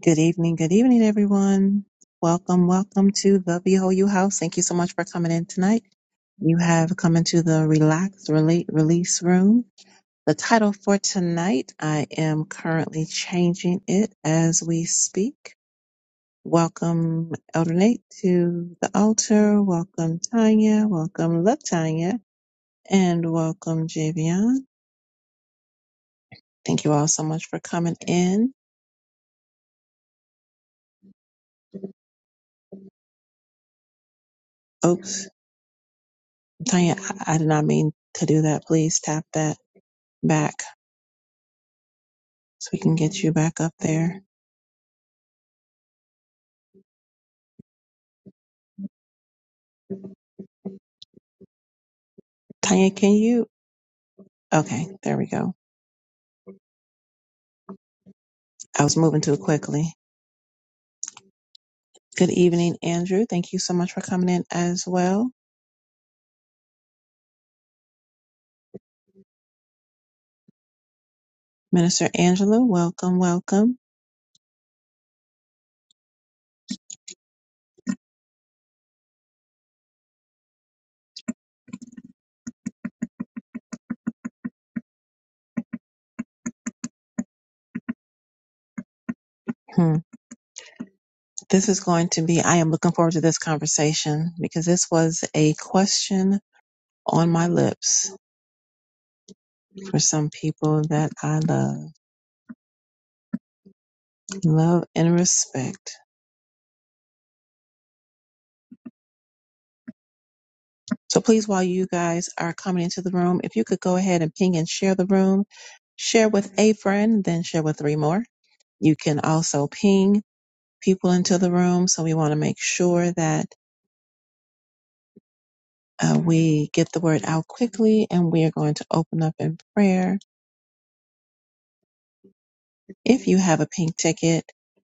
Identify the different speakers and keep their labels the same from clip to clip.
Speaker 1: Good evening, good evening, everyone. Welcome, welcome to the Behold You House. Thank you so much for coming in tonight. You have come into the Relax, Relate, Release room. The title for tonight, I am currently changing it as we speak. Welcome, Elder Nate, to the altar. Welcome, Tanya. Welcome, Latanya. And welcome, Javion. Thank you all so much for coming in. Oops, Tanya, I I did not mean to do that. Please tap that back. so we can get you back up there. Tanya, can you? Okay, there we go. I was moving too quickly. Good evening, Andrew. Thank you so much for coming in as well. Minister Angela, welcome, welcome. Hmm. This is going to be, I am looking forward to this conversation because this was a question on my lips for some people that I love, love and respect. So please, while you guys are coming into the room, if you could go ahead and ping and share the room, share with a friend, then share with three more You can also ping people into the room. So we want to make sure that uh, we get the word out quickly and we are going to open up in prayer. If you have a pink ticket,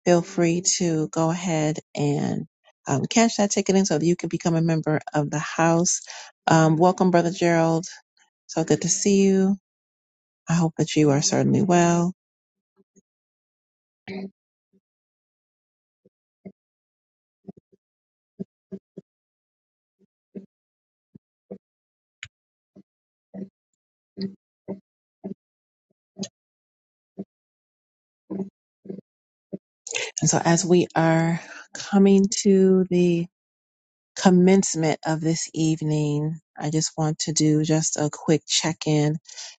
Speaker 1: feel free to go ahead and um, cash that ticket in so that you can become a member of the house. Um, welcome, Brother Gerald. So good to see you. I hope that you are certainly well. And so, as we are coming to the commencement of this evening, I just want to do just a quick check in.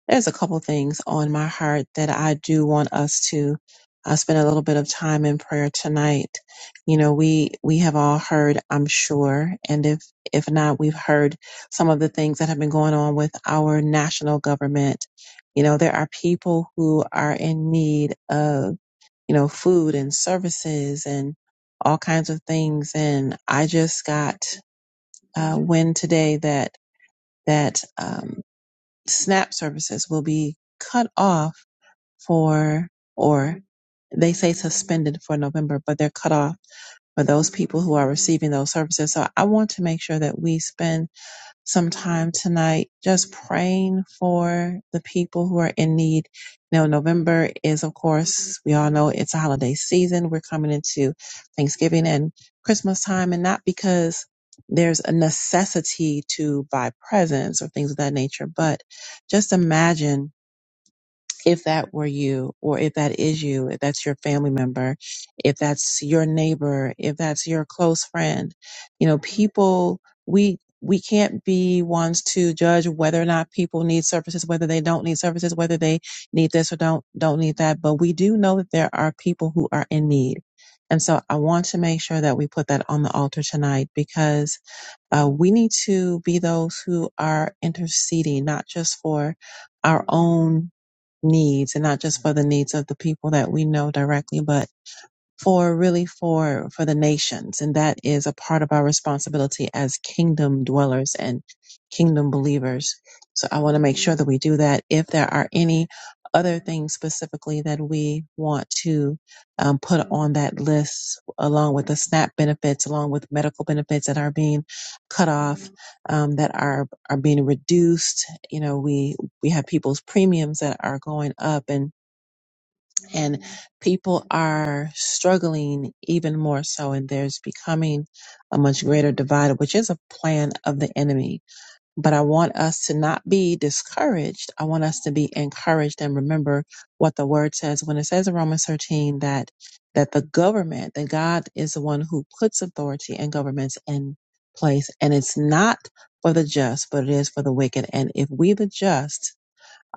Speaker 1: There's a couple things on my heart that I do want us to uh, spend a little bit of time in prayer tonight. You know, we we have all heard, I'm sure, and if if not, we've heard some of the things that have been going on with our national government. You know, there are people who are in need of you know, food and services and all kinds of things. And I just got uh, wind today that that um, SNAP services will be cut off for, or they say suspended for November, but they're cut off for those people who are receiving those services. So I want to make sure that we spend some time tonight, just praying for the people who are in need. Now, November is, of course, we all know it's a holiday season. We're coming into Thanksgiving and Christmas time, and not because there's a necessity to buy presents or things of that nature, but just imagine if that were you, or if that is you, if that's your family member, if that's your neighbor, if that's your close friend, you know, people, we, we can't be ones to judge whether or not people need services, whether they don't need services, whether they need this or don't, don't need that. But we do know that there are people who are in need. And so I want to make sure that we put that on the altar tonight because uh, we need to be those who are interceding, not just for our own needs and not just for the needs of the people that we know directly, but for really for for the nations and that is a part of our responsibility as kingdom dwellers and kingdom believers so i want to make sure that we do that if there are any other things specifically that we want to um, put on that list along with the snap benefits along with medical benefits that are being cut off um, that are are being reduced you know we we have people's premiums that are going up and and people are struggling even more so and there's becoming a much greater divide which is a plan of the enemy but i want us to not be discouraged i want us to be encouraged and remember what the word says when it says in romans 13 that that the government that god is the one who puts authority and governments in place and it's not for the just but it is for the wicked and if we the just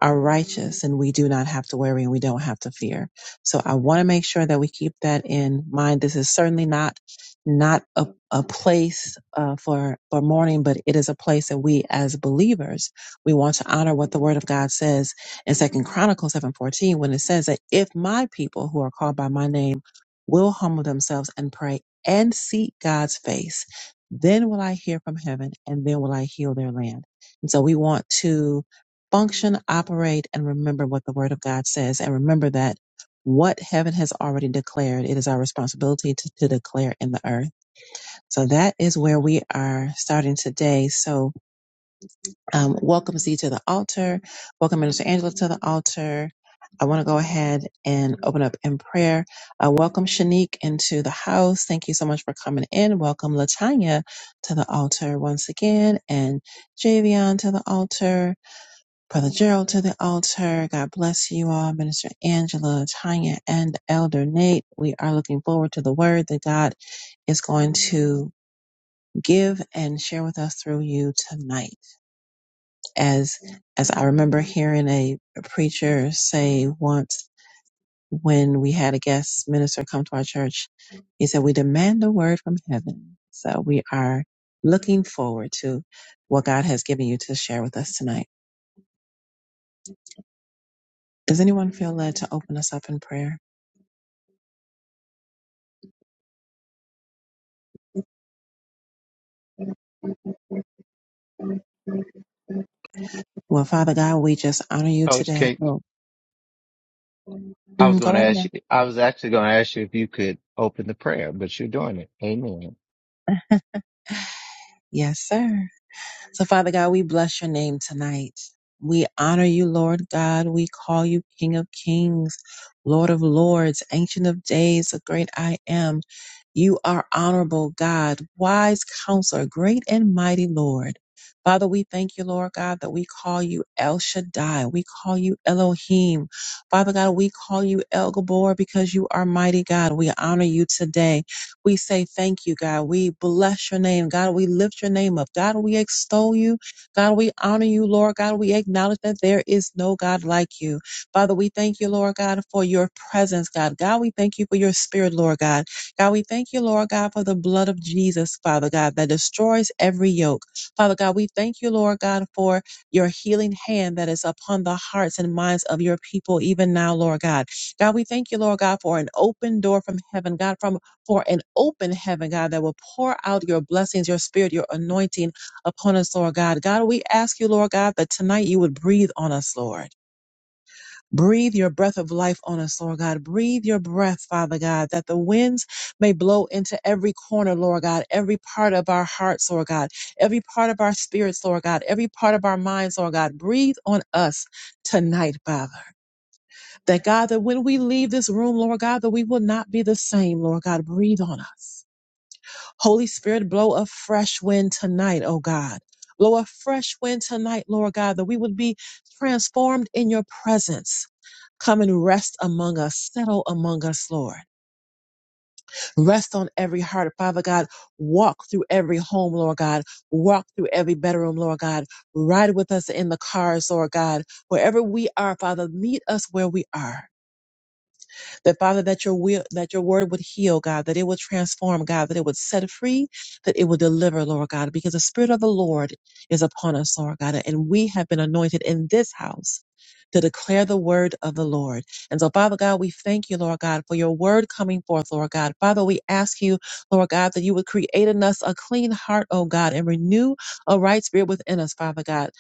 Speaker 1: are righteous and we do not have to worry and we don't have to fear. So I want to make sure that we keep that in mind. This is certainly not not a, a place uh, for for mourning, but it is a place that we as believers we want to honor what the Word of God says in Second Chronicles seven fourteen when it says that if my people who are called by my name will humble themselves and pray and seek God's face, then will I hear from heaven and then will I heal their land. And so we want to function, operate, and remember what the Word of God says. And remember that what heaven has already declared, it is our responsibility to, to declare in the earth. So that is where we are starting today. So um, welcome Z to the altar. Welcome Minister Angela to the altar. I want to go ahead and open up in prayer. Uh, welcome Shanique into the house. Thank you so much for coming in. Welcome Latanya to the altar once again, and Javion to the altar. Brother Gerald to the altar. God bless you all, Minister Angela, Tanya, and Elder Nate. We are looking forward to the word that God is going to give and share with us through you tonight. As as I remember hearing a, preacher say once when we had a guest minister come to our church, he said, We demand a word from heaven. So we are looking forward to what God has given you to share with us tonight. Does anyone feel led to open us up in prayer? Well, Father God, we just honor you
Speaker 2: Coach
Speaker 1: today.
Speaker 2: K,
Speaker 1: Oh,
Speaker 2: I
Speaker 1: mm,
Speaker 2: was
Speaker 1: go
Speaker 2: going to
Speaker 1: right
Speaker 2: ask
Speaker 1: now.
Speaker 2: you, I was actually going to ask you if you could open the prayer, but you're doing it. Amen.
Speaker 1: Yes, sir. So, Father God, we bless your name tonight. We honor you, Lord God. We call you King of Kings, Lord of Lords, Ancient of Days, the great I am. You are honorable God, wise counselor, great and mighty Lord. Father, we thank you, Lord God, that we call you El Shaddai. We call you Elohim. Father God, we call you El Gabor because you are mighty God. We honor you today. We say thank you, God. We bless your name, God. We lift your name up, God. We extol you, God. We honor you, Lord, God. We acknowledge that there is no God like you, Father. We thank you, Lord God, for your presence, God. God, we thank you for your spirit, Lord God. God, we thank you, Lord God, for the blood of Jesus, Father God, that destroys every yoke, Father God. We thank you, Lord God, for your healing hand that is upon the hearts and minds of your people, even now, Lord God. God, we thank you, Lord God, for an open door from heaven, God, from for an open heaven, God, that will pour out your blessings, your spirit, your anointing upon us, Lord God. God, we ask you, Lord God, that tonight you would breathe on us, Lord. Breathe your breath of life on us, Lord God. Breathe your breath, Father God, that the winds may blow into every corner, Lord God, every part of our hearts, Lord God, every part of our spirits, Lord God, every part of our minds, Lord God. Breathe on us tonight, Father. That God, that when we leave this room, Lord God, that we will not be the same, Lord God. Breathe on us. Holy Spirit, blow a fresh wind tonight, oh God. Blow a fresh wind tonight, Lord God, that we would be transformed in your presence. Come and rest among us, settle among us, Lord. Rest on every heart, Father God. Walk through every home, Lord God. Walk through every bedroom, Lord God. Ride with us in the cars, Lord God. Wherever we are, Father, meet us where we are. That Father, that your will, that your word would heal, God, that it would transform, God, that it would set free, that it would deliver, Lord God, because the Spirit of the Lord is upon us, Lord God, and we have been anointed in this house to declare the word of the Lord. And so, Father God, we thank you, Lord God, for your word coming forth, Lord God. Father, we ask you, Lord God, that you would create in us a clean heart, oh God, and renew a right spirit within us, Father God.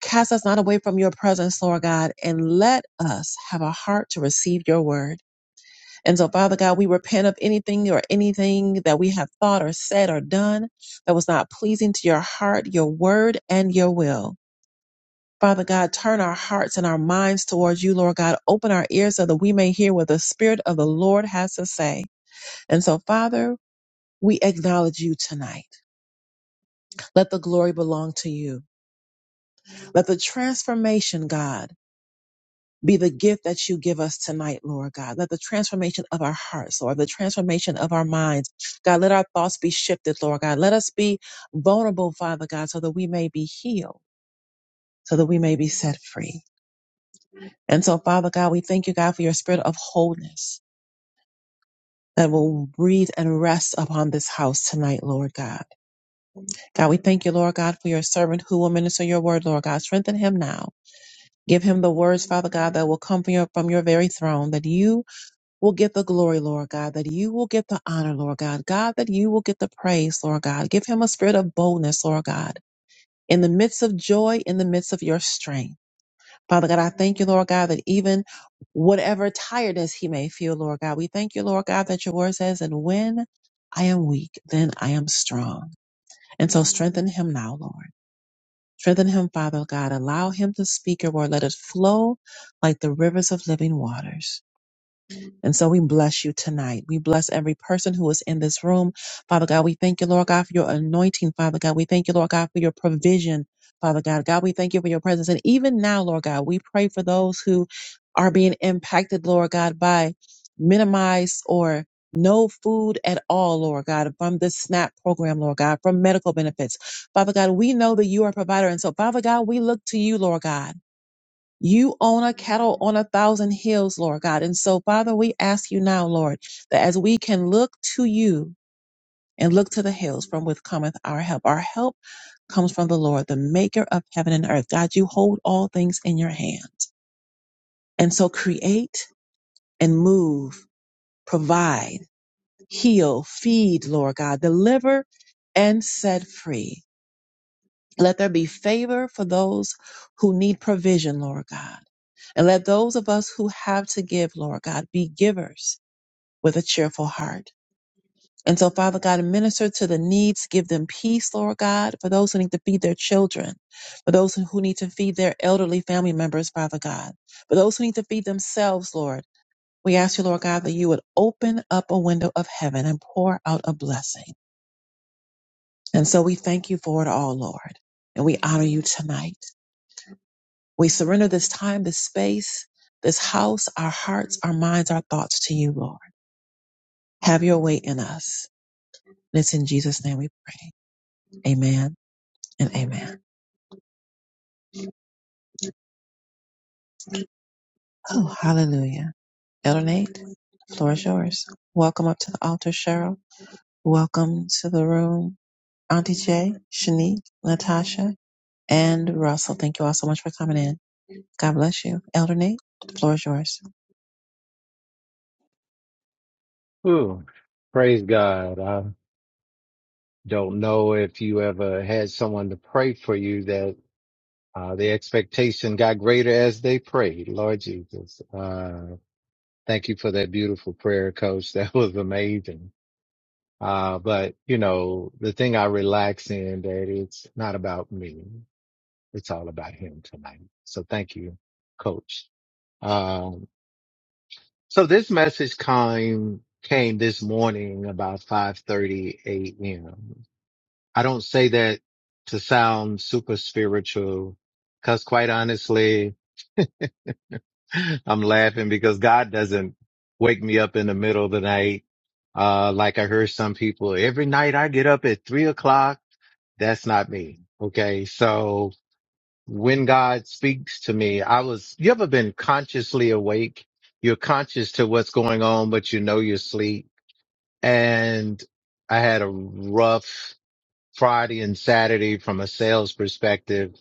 Speaker 1: Cast us not away from your presence, Lord God, and let us have a heart to receive your word. And so, Father God, we repent of anything or anything that we have thought or said or done that was not pleasing to your heart, your word, and your will. Father God, turn our hearts and our minds towards you, Lord God. Open our ears so that we may hear what the Spirit of the Lord has to say. And so, Father, we acknowledge you tonight. Let the glory belong to you. Let the transformation, God, be the gift that you give us tonight, Lord God. Let the transformation of our hearts, Lord, the transformation of our minds, God, let our thoughts be shifted, Lord God. Let us be vulnerable, Father God, so that we may be healed, so that we may be set free. And so, Father God, we thank you, God, for your spirit of wholeness that will breathe and rest upon this house tonight, Lord God. God, we thank you, Lord God, for your servant who will minister your word, Lord God. Strengthen him now. Give him the words, Father God, that will come from your, from your very throne, that you will get the glory, Lord God, that you will get the honor, Lord God, God, that you will get the praise, Lord God. Give him a spirit of boldness, Lord God, in the midst of joy, in the midst of your strength. Father God, I thank you, Lord God, that even whatever tiredness he may feel, Lord God, we thank you, Lord God, that your word says, and when I am weak, then I am strong. And so strengthen him now, Lord. Strengthen him, Father God. Allow him to speak your word. Let it flow like the rivers of living waters. And so we bless you tonight. We bless every person who is in this room. Father God, we thank you, Lord God, for your anointing, Father God. We thank you, Lord God, for your provision, Father God. God, we thank you for your presence. And even now, Lord God, we pray for those who are being impacted, Lord God, by minimized or no food at all, Lord God, from this SNAP program, Lord God, from medical benefits. Father God, we know that you are a provider. And so, Father God, we look to you, Lord God. You own a cattle on a thousand hills, Lord God. And so, Father, we ask you now, Lord, that as we can look to you and look to the hills from which cometh our help, our help comes from the Lord, the maker of heaven and earth. God, you hold all things in your hands. And so, create and move, provide, heal, feed, Lord God, deliver and set free. Let there be favor for those who need provision, Lord God And let those of us who have to give, Lord God, be givers with a cheerful heart. And so, Father God, minister to the needs, give them peace, Lord God, for those who need to feed their children, for those who need to feed their elderly family members, Father God, for those who need to feed themselves, Lord. We ask you, Lord God, that you would open up a window of heaven and pour out a blessing. And so we thank you for it all, Lord. And we honor you tonight. We surrender this time, this space, this house, our hearts, our minds, our thoughts to you, Lord. Have your way in us. And it's in Jesus' name we pray. Amen and amen. Oh, hallelujah. Elder Nate, the floor is yours. Welcome up to the altar, Cheryl. Welcome to the room, Auntie Jay, Shanique, Natasha, and Russell. Thank you all so much for coming in. God bless you. Elder Nate, the floor is yours.
Speaker 2: Ooh, praise God. I don't know if you ever had someone to pray for you that uh, the expectation got greater as they prayed. Lord Jesus, uh, thank you for that beautiful prayer, coach. That was amazing. Uh, but you know, the thing I relax in that it's not about me. It's all about him tonight. So thank you, coach. Um, So this message came came this morning about 5:30 a.m. I don't say that to sound super spiritual cuz quite honestly, I'm laughing because God doesn't wake me up in the middle of the night. Uh, like I heard some people every night I get up at three o'clock. That's not me. Okay. So when God speaks to me, I was, you ever been consciously awake? You're conscious to what's going on, but you know you're asleep and I had a rough Friday and Saturday from a sales perspective.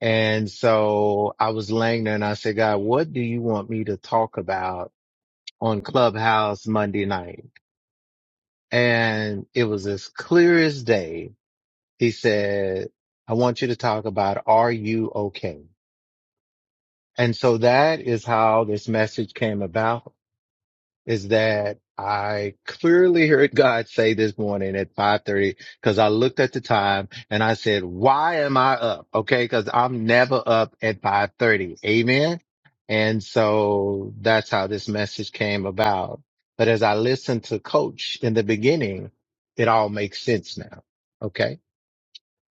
Speaker 2: And so I was laying there and I said, God, what do you want me to talk about on Clubhouse Monday night? And it was as clear as day. He said, I want you to talk about, are you okay? And so that is how this message came about. is that I clearly heard God say this morning at 5:30 cuz I looked at the time and I said, "Why am I up?" Okay, cuz I'm never up at 5:30. Amen. And so that's how this message came about. But as I listened to coach in the beginning, it all makes sense now. Okay?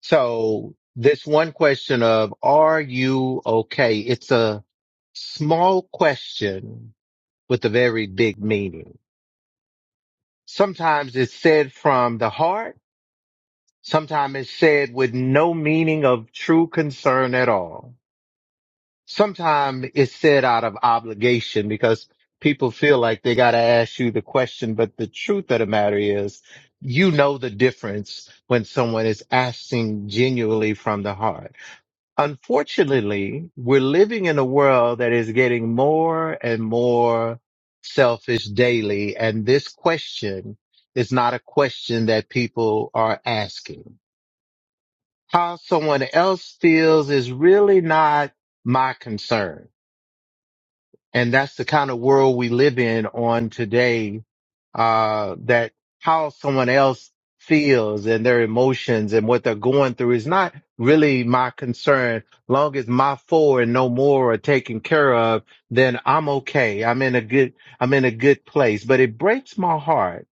Speaker 2: So this one question of are you okay? It's a small question with a very big meaning Sometimes it's said from the heart. Sometimes it's said with no meaning of true concern at all. Sometimes it's said out of obligation because people feel like they got to ask you the question. But the truth of the matter is, you know the difference when someone is asking genuinely from the heart. Unfortunately, we're living in a world that is getting more and more selfish daily. And this question is not a question that people are asking. How someone else feels is really not my concern. And that's the kind of world we live in on today, uh, that how someone else feels and their emotions and what they're going through is not really my concern. Long as my four and no more are taken care of, then I'm okay. I'm in a good, I'm in a good place, but it breaks my heart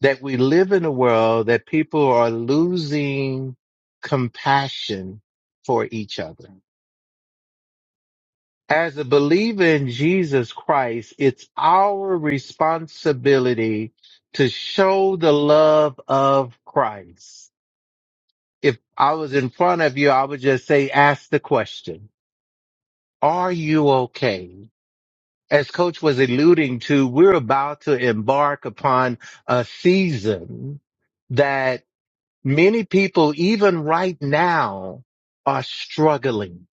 Speaker 2: that we live in a world that people are losing compassion for each other as a believer in Jesus Christ, it's our responsibility to show the love of Christ. If I was in front of you, I would just say, ask the question, are you okay? As coach was alluding to, we're about to embark upon a season that many people, even right now, are struggling.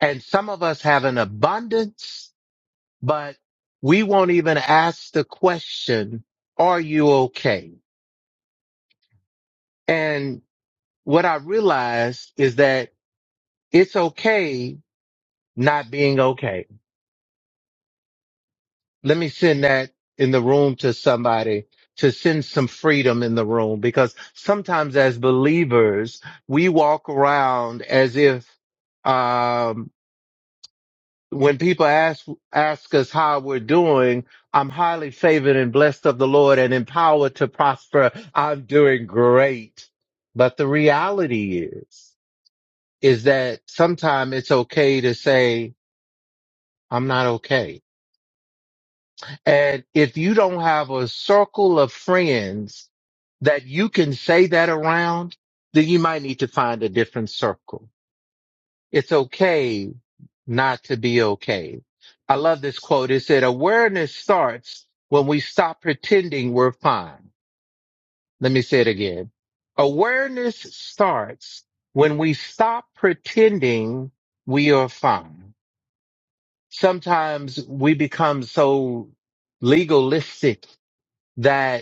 Speaker 2: And some of us have an abundance but we won't even ask the question, are you okay? And what I realized is that it's okay not being okay. Let me send that in the room to somebody to send some freedom in the room because sometimes as believers, we walk around as if, um, when people ask ask us how we're doing, I'm highly favored and blessed of the Lord and empowered to prosper. I'm doing great. But the reality is, is that sometimes it's okay to say, I'm not okay. And if you don't have a circle of friends that you can say that around, then you might need to find a different circle. It's okay not to be okay. I love this quote. It said, awareness starts when we stop pretending we're fine. Let me say it again. Awareness starts when we stop pretending we are fine. Sometimes we become so legalistic that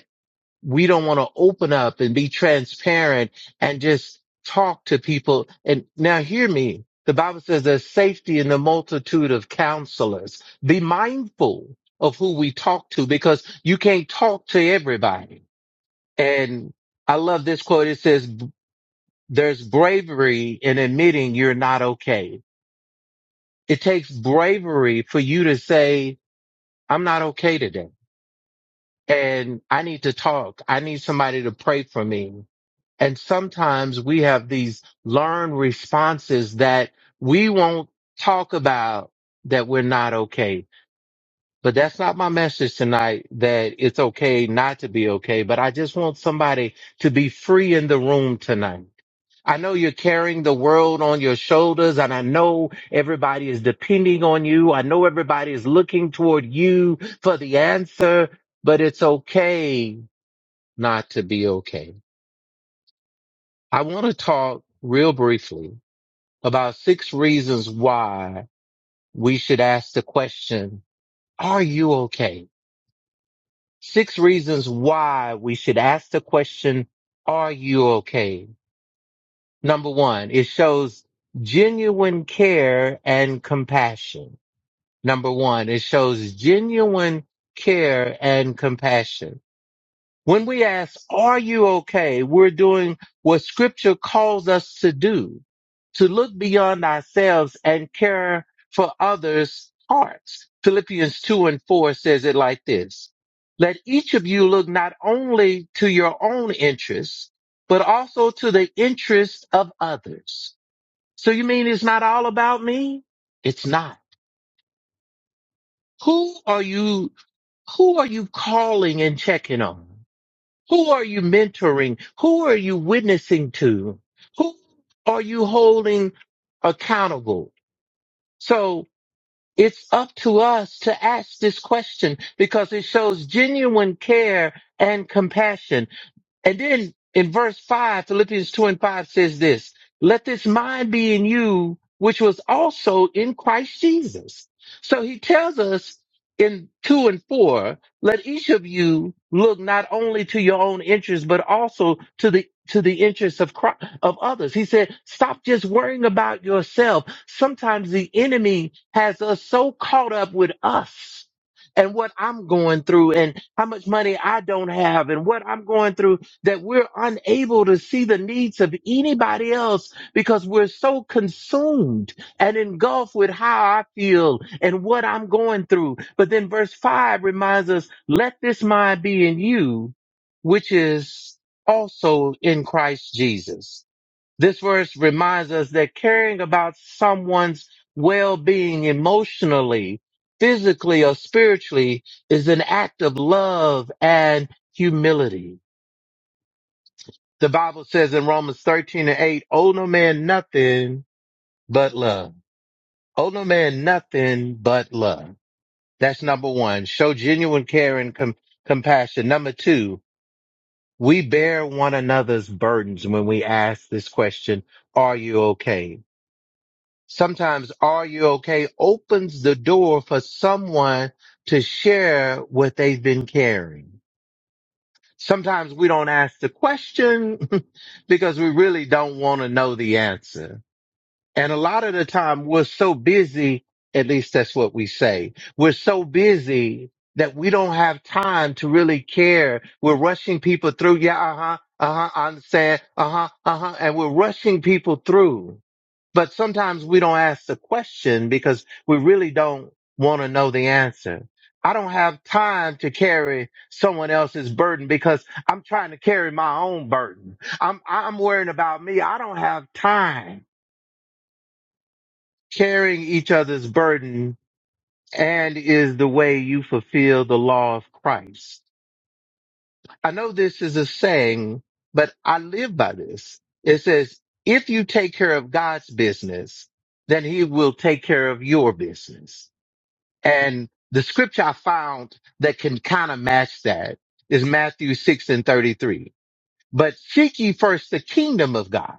Speaker 2: we don't want to open up and be transparent and just talk to people. And now hear me. The Bible says there's safety in the multitude of counselors. Be mindful of who we talk to because you can't talk to everybody. And I love this quote. It says, there's bravery in admitting you're not okay. It takes bravery for you to say, I'm not okay today and I need to talk. I need somebody to pray for me And sometimes we have these learned responses that we won't talk about that we're not okay. But that's not my message tonight that it's okay not to be okay. But I just want somebody to be free in the room tonight. I know you're carrying the world on your shoulders and I know everybody is depending on you. I know everybody is looking toward you for the answer, but it's okay not to be okay. I want to talk real briefly about six reasons why we should ask the question, are you okay? Six reasons why we should ask the question, are you okay? Number one, it shows genuine care and compassion. Number one, it shows genuine care and compassion. When we ask, are you okay? We're doing what scripture calls us to do, to look beyond ourselves and care for others' hearts. Philippians 2 and 4 says it like this. Let each of you look not only to your own interests, but also to the interests of others. So you mean it's not all about me? It's not. Who are you, who are you calling and checking on? Who are you mentoring? Who are you witnessing to? Who are you holding accountable? So it's up to us to ask this question because it shows genuine care and compassion. And then in verse 5, Philippians 2 and 5 says this Let this mind be in you, which was also in Christ Jesus. So he tells us in 2 and 4, let each of you look not only to your own interests, but also to the to the interests of Chri- of others. He said, stop just worrying about yourself. Sometimes the enemy has us so caught up with us and what I'm going through and how much money I don't have and what I'm going through that we're unable to see the needs of anybody else because we're so consumed and engulfed with how I feel and what I'm going through. But then verse five reminds us, let this mind be in you, which is also in Christ Jesus. This verse reminds us that caring about someone's well-being emotionally, physically, or spiritually is an act of love and humility the Bible says in Romans 13 and 8, owe no man nothing but love. Owe no man nothing but love. That's number one. Show genuine care and com- compassion. Number two, we bear one another's burdens when we ask this question, are you okay? Sometimes are you okay opens the door for someone to share what they've been carrying. Sometimes we don't ask the question because we really don't want to know the answer And a lot of the time we're so busy, at least that's what we say. We're so busy that we don't have time to really care. We're rushing people through. Yeah, uh huh, uh huh, I understand. Uh huh, uh huh. And we're rushing people through. But sometimes we don't ask the question because we really don't want to know the answer. I don't have time to carry someone else's burden because I'm trying to carry my own burden. I'm, I'm worrying about me. I don't have time carrying each other's burden and is the way you fulfill the law of Christ. I know this is a saying, but I live by this. It says, if you take care of God's business, then he will take care of your business. And the scripture I found that can kind of match that is Matthew 6 and 33. But seek ye first the kingdom of God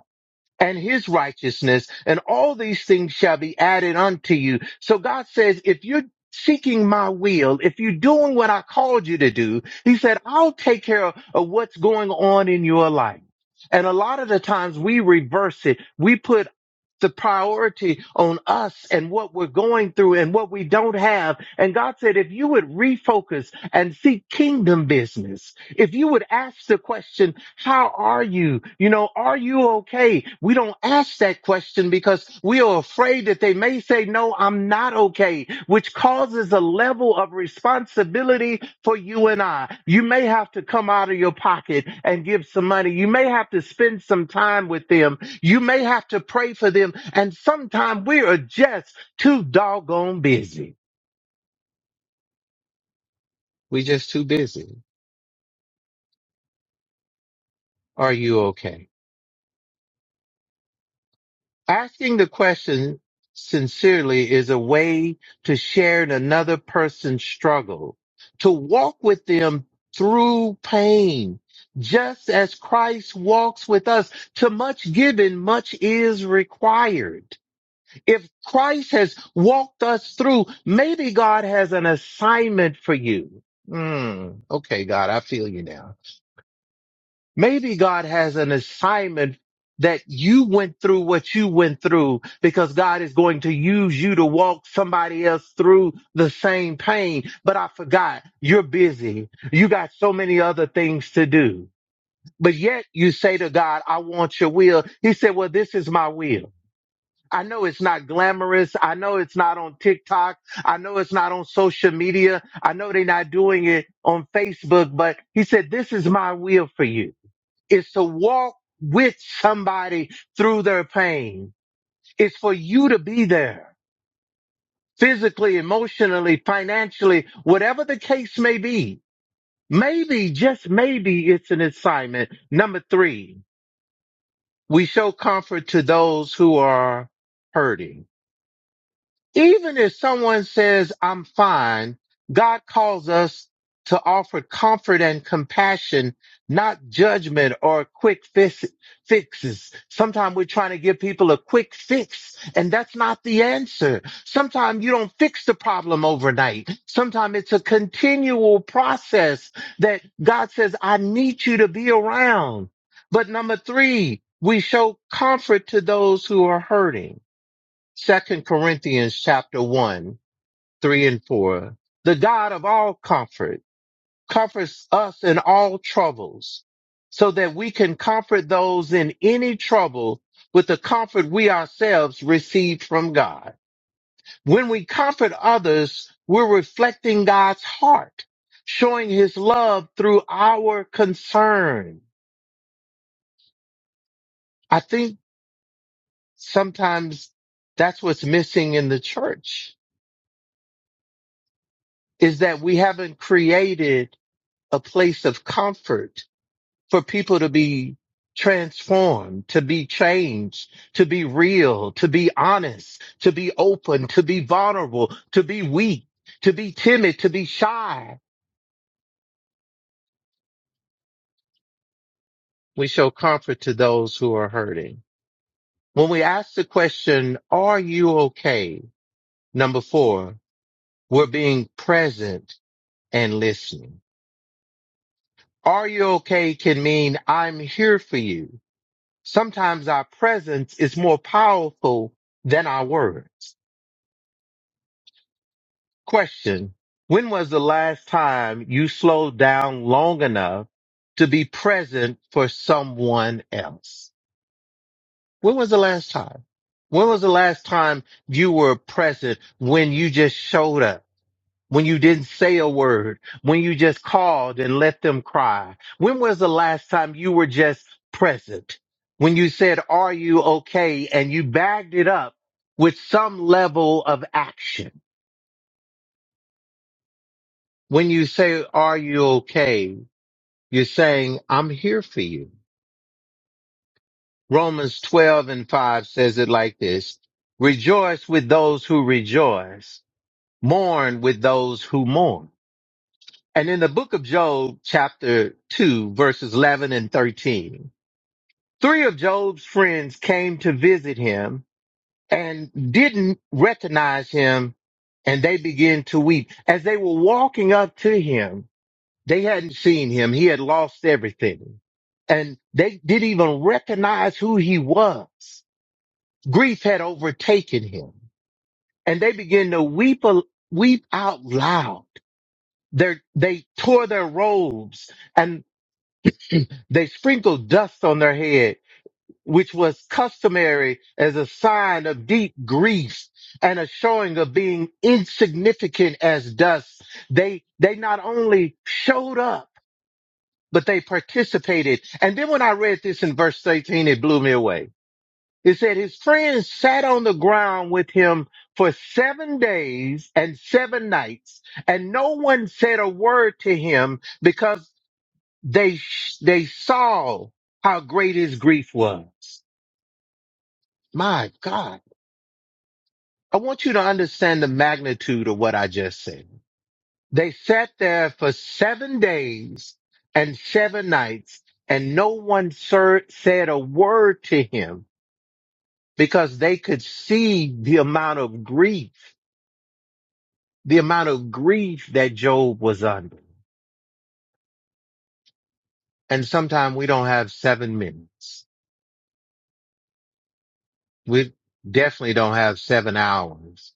Speaker 2: and his righteousness, and all these things shall be added unto you. So God says, if you're seeking my will, if you're doing what I called you to do, he said, I'll take care of, of what's going on in your life. And a lot of the times we reverse it. We put the priority on us and what we're going through and what we don't have. And God said, if you would refocus and seek kingdom business, if you would ask the question, how are you? You know, are you okay? We don't ask that question because we are afraid that they may say, no, I'm not okay, which causes a level of responsibility for you and I. You may have to come out of your pocket and give some money. You may have to spend some time with them. You may have to pray for them. And sometimes we are just too doggone busy. We just too busy. Are you okay? Asking the question sincerely is a way to share in another person's struggle, to walk with them through pain, just as Christ walks with us. To much given, much is required. If Christ has walked us through, maybe God has an assignment for you. Hmm. okay, God, I feel you now. Maybe God has an assignment that you went through what you went through because God is going to use you to walk somebody else through the same pain. But I forgot you're busy. You got so many other things to do. But yet you say to God, I want your will. He said, well, this is my will. I know it's not glamorous. I know it's not on TikTok. I know it's not on social media. I know they're not doing it on Facebook, but he said, this is my will for you is to walk with somebody through their pain. It's for you to be there physically, emotionally, financially, whatever the case may be. Maybe, just maybe it's an assignment. Number three, we show comfort to those who are hurting. even if someone says, I'm fine, God calls us to offer comfort and compassion, not judgment or quick fix- fixes. Sometimes we're trying to give people a quick fix, and that's not the answer. Sometimes you don't fix the problem overnight. Sometimes it's a continual process that God says, I need you to be around. But number three, we show comfort to those who are hurting Second Corinthians chapter one, three and four. The God of all comfort comforts us in all troubles so that we can comfort those in any trouble with the comfort we ourselves received from God. When we comfort others, we're reflecting God's heart, showing his love through our concern. I think sometimes that's what's missing in the church is that we haven't created a place of comfort for people to be transformed, to be changed, to be real, to be honest, to be open, to be vulnerable, to be weak, to be timid, to be shy. We show comfort to those who are hurting. When we ask the question, are you okay? Number four, we're being present and listening. Are you okay can mean I'm here for you. Sometimes our presence is more powerful than our words. Question. When was the last time you slowed down long enough to be present for someone else? When was the last time? When was the last time you were present when you just showed up? when you didn't say a word, when you just called and let them cry? When was the last time you were just present? When you said, Are you okay? And you bagged it up with some level of action. When you say, Are you okay? You're saying, I'm here for you. Romans 12 and 5 says it like this Rejoice with those who rejoice, mourn with those who mourn. And in the book of Job, chapter 2, verses 11 and thirteen, three of Job's friends came to visit him and didn't recognize him, and they began to weep. As they were walking up to him, they hadn't seen him. He had lost everything. And they didn't even recognize who he was. Grief had overtaken him. And they began to weep, weep out loud. They're, they tore their robes and. They sprinkled dust on their head, which was customary as a sign of deep grief and a showing of being insignificant as dust. They, they not only showed up, but they participated. And then when I read this in verse 18, it blew me away. It said his friends sat on the ground with him for seven days and seven nights, and no one said a word to him because. They, sh- they saw how great his grief was. My God. I want you to understand the magnitude of what I just said. They sat there for seven days and seven nights and no one sir- said a word to him because they could see the amount of grief, the amount of grief that Job was under. And sometimes we don't have seven minutes. We definitely don't have seven hours.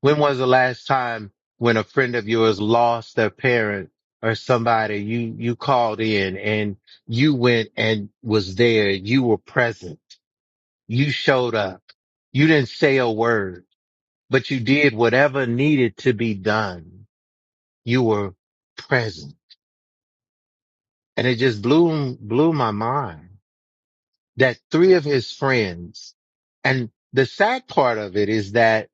Speaker 2: When was the last time when a friend of yours lost their parent or somebody you, you called in and you went and was there. You were present. You showed up. You didn't say a word, but you did whatever needed to be done. You were present and it just blew, blew my mind that three of his friends and the sad part of it is that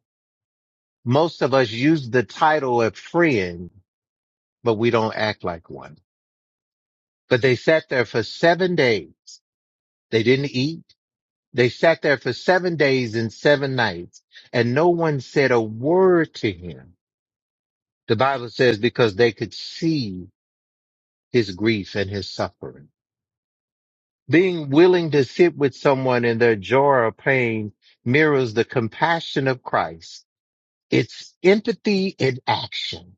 Speaker 2: most of us use the title of friend but we don't act like one. But they sat there for seven days. They didn't eat. They sat there for seven days and seven nights and no one said a word to him. The Bible says because they could see his grief and his suffering. Being willing to sit with someone in their joy or pain mirrors the compassion of Christ. It's empathy in action.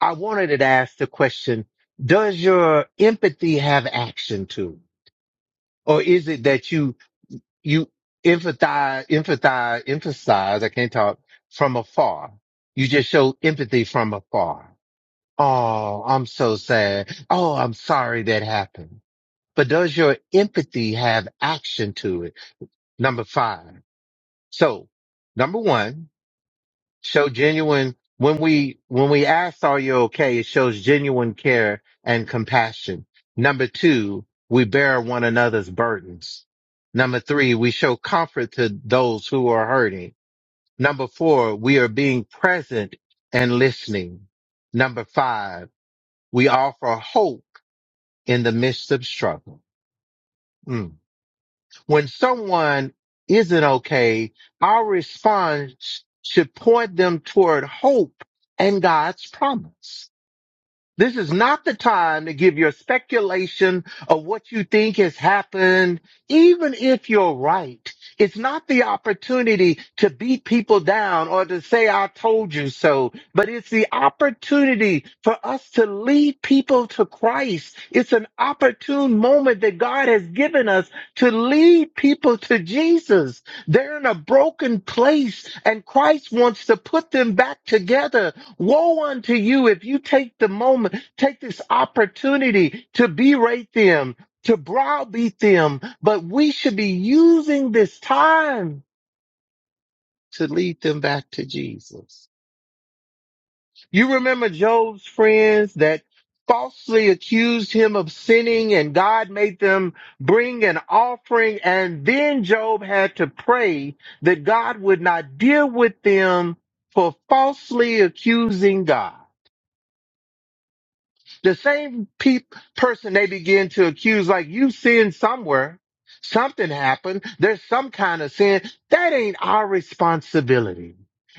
Speaker 2: I wanted to ask the question, does your empathy have action to it? or is it that you you empathize empathize emphasize i can't talk from afar you just show empathy from afar oh i'm so sad oh i'm sorry that happened but does your empathy have action to it number five so number one show genuine when we when we ask are you okay it shows genuine care and compassion number two we bear one another's burdens number three we show comfort to those who are hurting number four we are being present and listening number five we offer hope in the midst of struggle Mm when someone isn't okay, our response should point them toward hope and God's promise. This is not the time to give your speculation of what you think has happened, even if you're right. It's not the opportunity to beat people down or to say, I told you so, but it's the opportunity for us to lead people to Christ. It's an opportune moment that God has given us to lead people to Jesus. They're in a broken place and Christ wants to put them back together Woe unto you if you take the moment, take this opportunity to berate them, to browbeat them, but we should be using this time to lead them back to Jesus. You remember Job's friends that falsely accused him of sinning and God made them bring an offering and then Job had to pray that God would not deal with them for falsely accusing God. The same peop person they begin to accuse, like you sin somewhere, something happened, there's some kind of sin. That ain't our responsibility.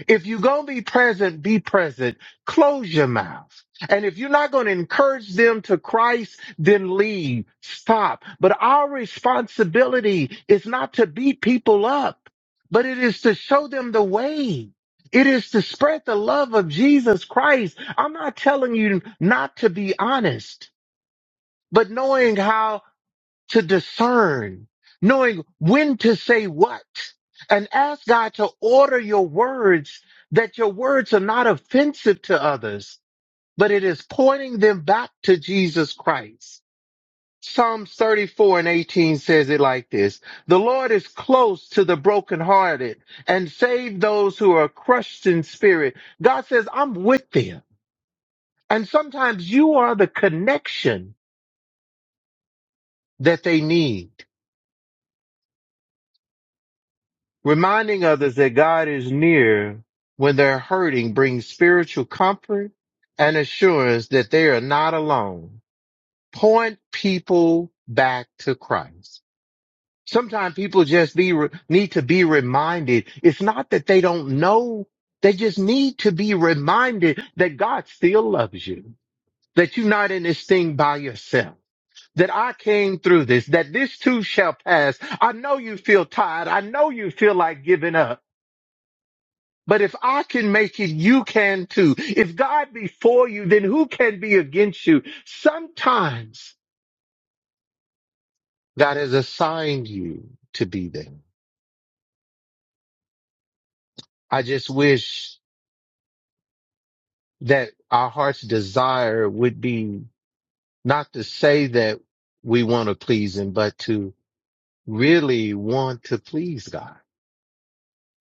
Speaker 2: If you gonna be present, be present. Close your mouth. And if you're not gonna encourage them to Christ, then leave. Stop. But our responsibility is not to beat people up, but it is to show them the way. It is to spread the love of Jesus Christ I'm not telling you not to be honest, but knowing how to discern, knowing when to say what, and ask God to order your words that your words are not offensive to others, but it is pointing them back to Jesus Christ. Psalms 34 and 18 says it like this. The Lord is close to the brokenhearted and save those who are crushed in spirit. God says, I'm with them. And sometimes you are the connection that they need. Reminding others that God is near when they're hurting brings spiritual comfort and assurance that they are not alone. Point people back to Christ. Sometimes people just be, need to be reminded. It's not that they don't know. They just need to be reminded that God still loves you, that you're not in this thing by yourself that I came through this, that this too shall pass. I know you feel tired. I know you feel like giving up. But if I can make it, you can too. If God be for you, then who can be against you? Sometimes God has assigned you to be there. I just wish that our heart's desire would be not to say that we want to please him, but to really want to please God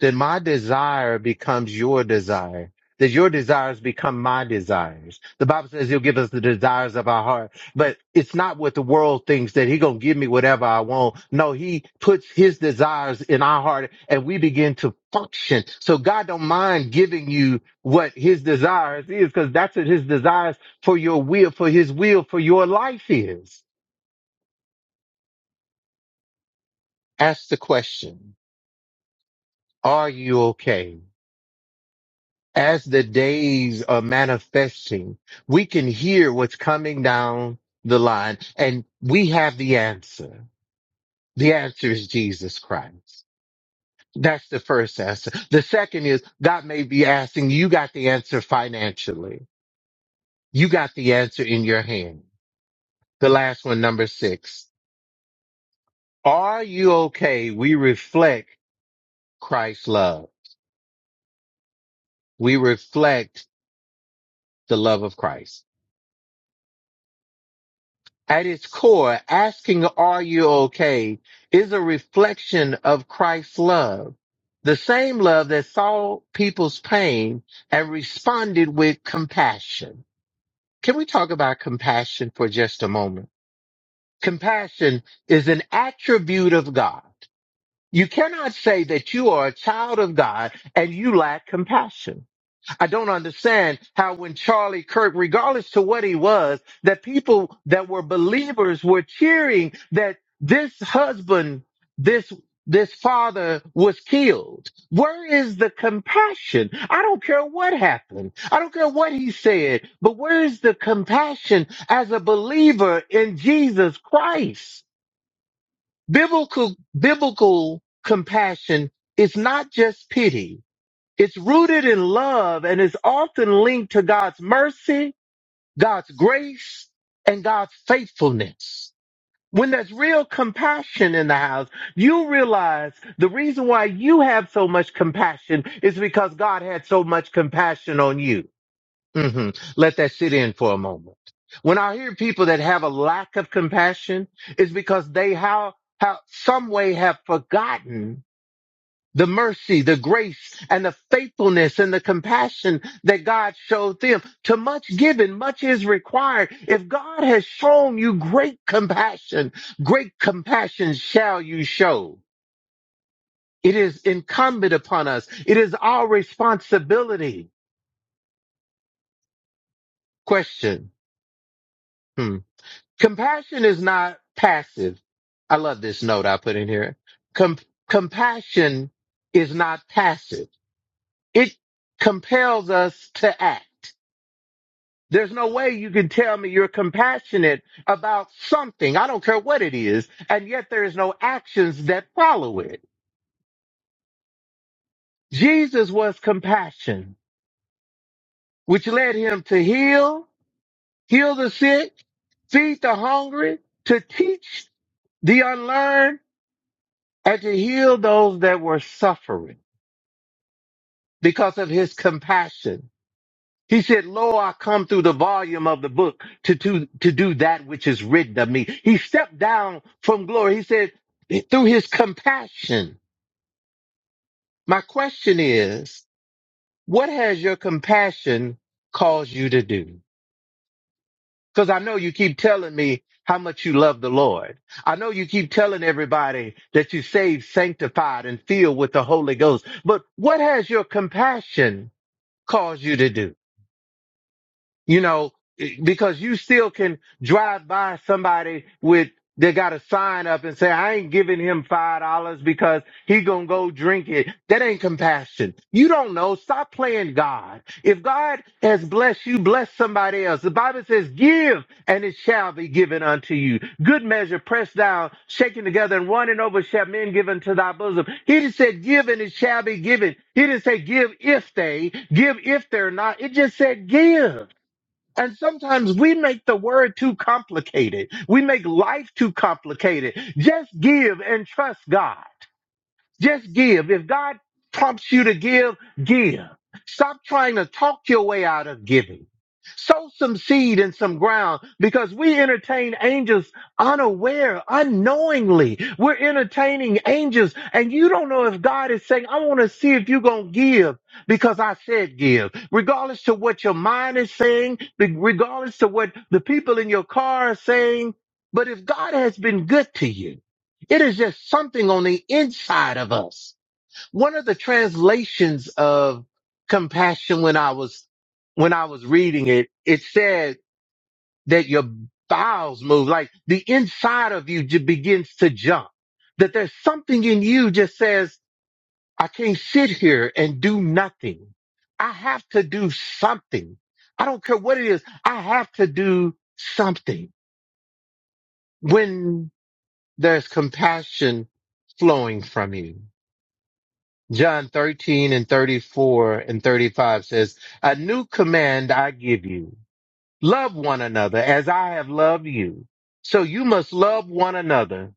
Speaker 2: then my desire becomes your desire. That your desires become my desires. The Bible says he'll give us the desires of our heart, but it's not what the world thinks that he gonna give me whatever I want. No, he puts his desires in our heart and we begin to function. So God don't mind giving you what his desires is because that's what his desires for your will, for his will, for your life is. Ask the question, are you okay? as the days are manifesting, we can hear what's coming down the line and we have the answer. The answer is Jesus Christ. That's the first answer. The second is God may be asking, you got the answer financially. You got the answer in your hand. The last one, number six. Are you okay? We reflect Christ's love. We reflect the love of Christ. At its core, asking are you okay is a reflection of Christ's love. The same love that saw people's pain and responded with compassion. Can we talk about compassion for just a moment? Compassion is an attribute of God. You cannot say that you are a child of God and you lack compassion. I don't understand how when Charlie Kirk, regardless to what he was, that people that were believers were cheering that this husband, this this father was killed. Where is the compassion? I don't care what happened. I don't care what he said, but where is the compassion as a believer in Jesus Christ? Biblical, biblical compassion is not just pity. It's rooted in love and is often linked to God's mercy, God's grace, and God's faithfulness. When there's real compassion in the house, you realize the reason why you have so much compassion is because God had so much compassion on you. hmm Let that sit in for a moment. When I hear people that have a lack of compassion, it's because they how, how some way have forgotten the mercy, the grace, and the faithfulness and the compassion that God showed them. To much given, much is required. If God has shown you great compassion, great compassion shall you show. It is incumbent upon us. It is our responsibility. Question. Hmm. Compassion is not passive. I love this note I put in here. Com- compassion is not passive. It compels us to act. There's no way you can tell me you're compassionate about something. I don't care what it is. And yet there is no actions that follow it. Jesus was compassion, which led him to heal, heal the sick, feed the hungry, to teach the unlearned, and to heal those that were suffering because of his compassion. He said, Lo, I come through the volume of the book to, to, to do that which is written of me. He stepped down from glory. He said, through his compassion. My question is, what has your compassion caused you to do? Because I know you keep telling me how much you love the Lord. I know you keep telling everybody that you saved, sanctified, and filled with the Holy Ghost. But what has your compassion caused you to do? you know, eh, because you still can drive by somebody with they got a sign up and say, I ain't giving him five dollars because he gonna go drink it. That ain't compassion. You don't know. Stop playing God. If God has blessed you, bless somebody else. The Bible says, give and it shall be given unto you. Good measure, pressed down, shaken together and running over shall men give unto thy bosom. He just said, give and it shall be given. He didn't say give if they, give if they're not. It just said give. And sometimes we make the word too complicated. We make life too complicated. Just give and trust God. Just give. If God prompts you to give, give. Stop trying to talk your way out of giving. Sow some seed in some ground because we entertain angels unaware, unknowingly. We're entertaining angels and you don't know if God is saying, I want to see if you're going to give because I said give. Regardless to what your mind is saying, regardless to what the people in your car are saying, but if God has been good to you, it is just something on the inside of us. One of the translations of compassion when I was, when I was reading it, it said that your bowels move, like the inside of you ju- begins to jump, that there's something in you just says, I can't sit here and do nothing. I have to do something. I don't care what it is. I have to do something when there's compassion flowing from you. John 13 and 34 and 35 says, A new command I give you. Love one another as I have loved you. So you must love one another.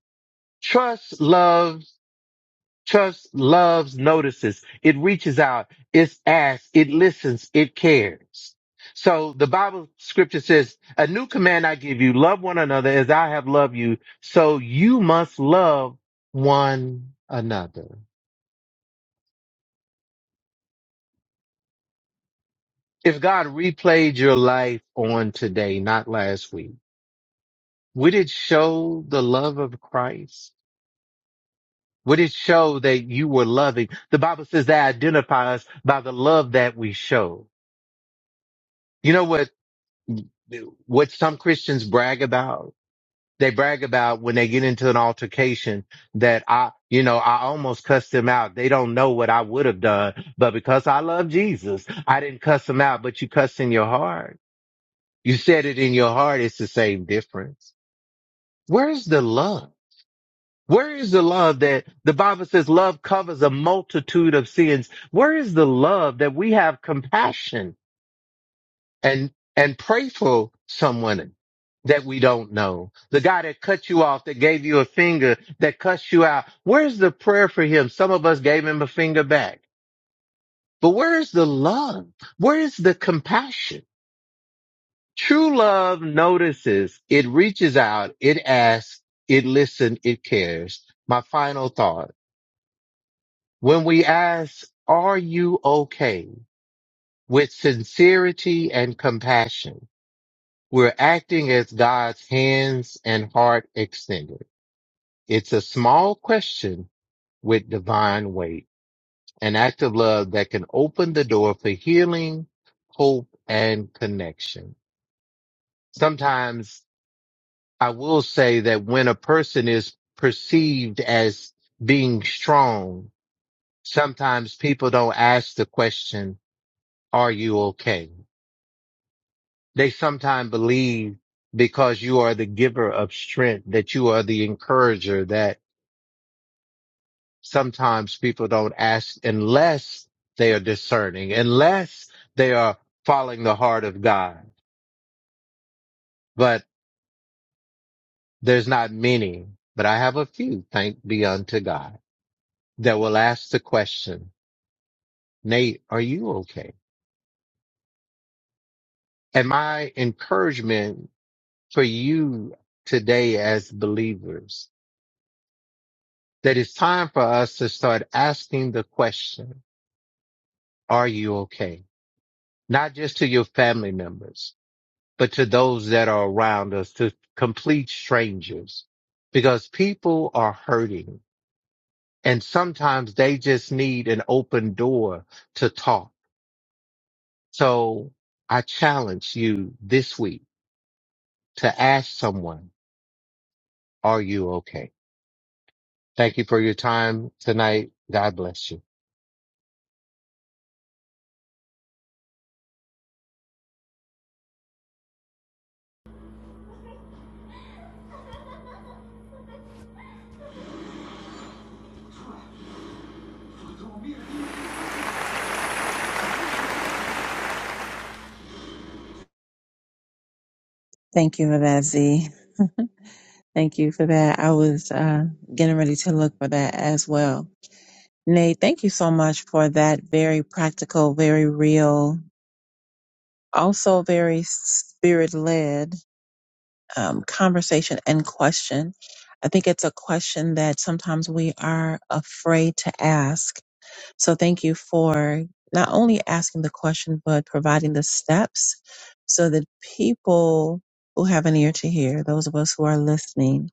Speaker 2: Trust loves, trust loves notices. It reaches out. It asks. It listens. It cares. So the Bible scripture says, a new command I give you. Love one another as I have loved you. So you must love one another. If God replayed your life on today, not last week, would it show the love of Christ? Would it show that you were loving? The Bible says they identify us by the love that we show. You know what, what some Christians brag about? They brag about when they get into an altercation that I, you know, I almost cussed them out. They don't know what I would have done, but because I love Jesus, I didn't cuss them out, but you cussed in your heart. You said it in your heart. It's the same difference. Where is the love? Where is the love that the Bible says love covers a multitude of sins? Where is the love that we have compassion and, and pray for someone that we don't know? The guy that cut you off, that gave you a finger, that cussed you out. Where's the prayer for him? Some of us gave him a finger back, but where is the love? Where is the compassion? True love notices, it reaches out, it asks, it listens, it cares my final thought. When we ask, are you okay? With sincerity and compassion, we're acting as God's hands and heart extended. It's a small question with divine weight, an act of love that can open the door for healing, hope, and connection. Sometimes I will say that when a person is perceived as being strong, sometimes people don't ask the question, are you okay? they sometimes believe because you are the giver of strength that you are the encourager that sometimes people don't ask unless they are discerning, unless they are following the heart of God. But there's not many, but I have a few, thank be unto God, that will ask the question, Nate, are you okay? And my encouragement for you today as believers, that it's time for us to start asking the question, Are you okay? Not just to your family members, but to those that are around us, to complete strangers, because people are hurting and sometimes they just need an open door to talk. So I challenge you this week to ask someone, are you okay? Thank you for your time tonight. God bless you.
Speaker 1: Thank you for Thank you for that. I was uh, getting ready to look for that as well. Nate, thank you so much for that very practical, very real, also very spirit led um, conversation and question. I think it's a question that sometimes we are afraid to ask. So thank you for not only asking the question, but providing the steps so that people who have an ear to hear, those of us who are listening,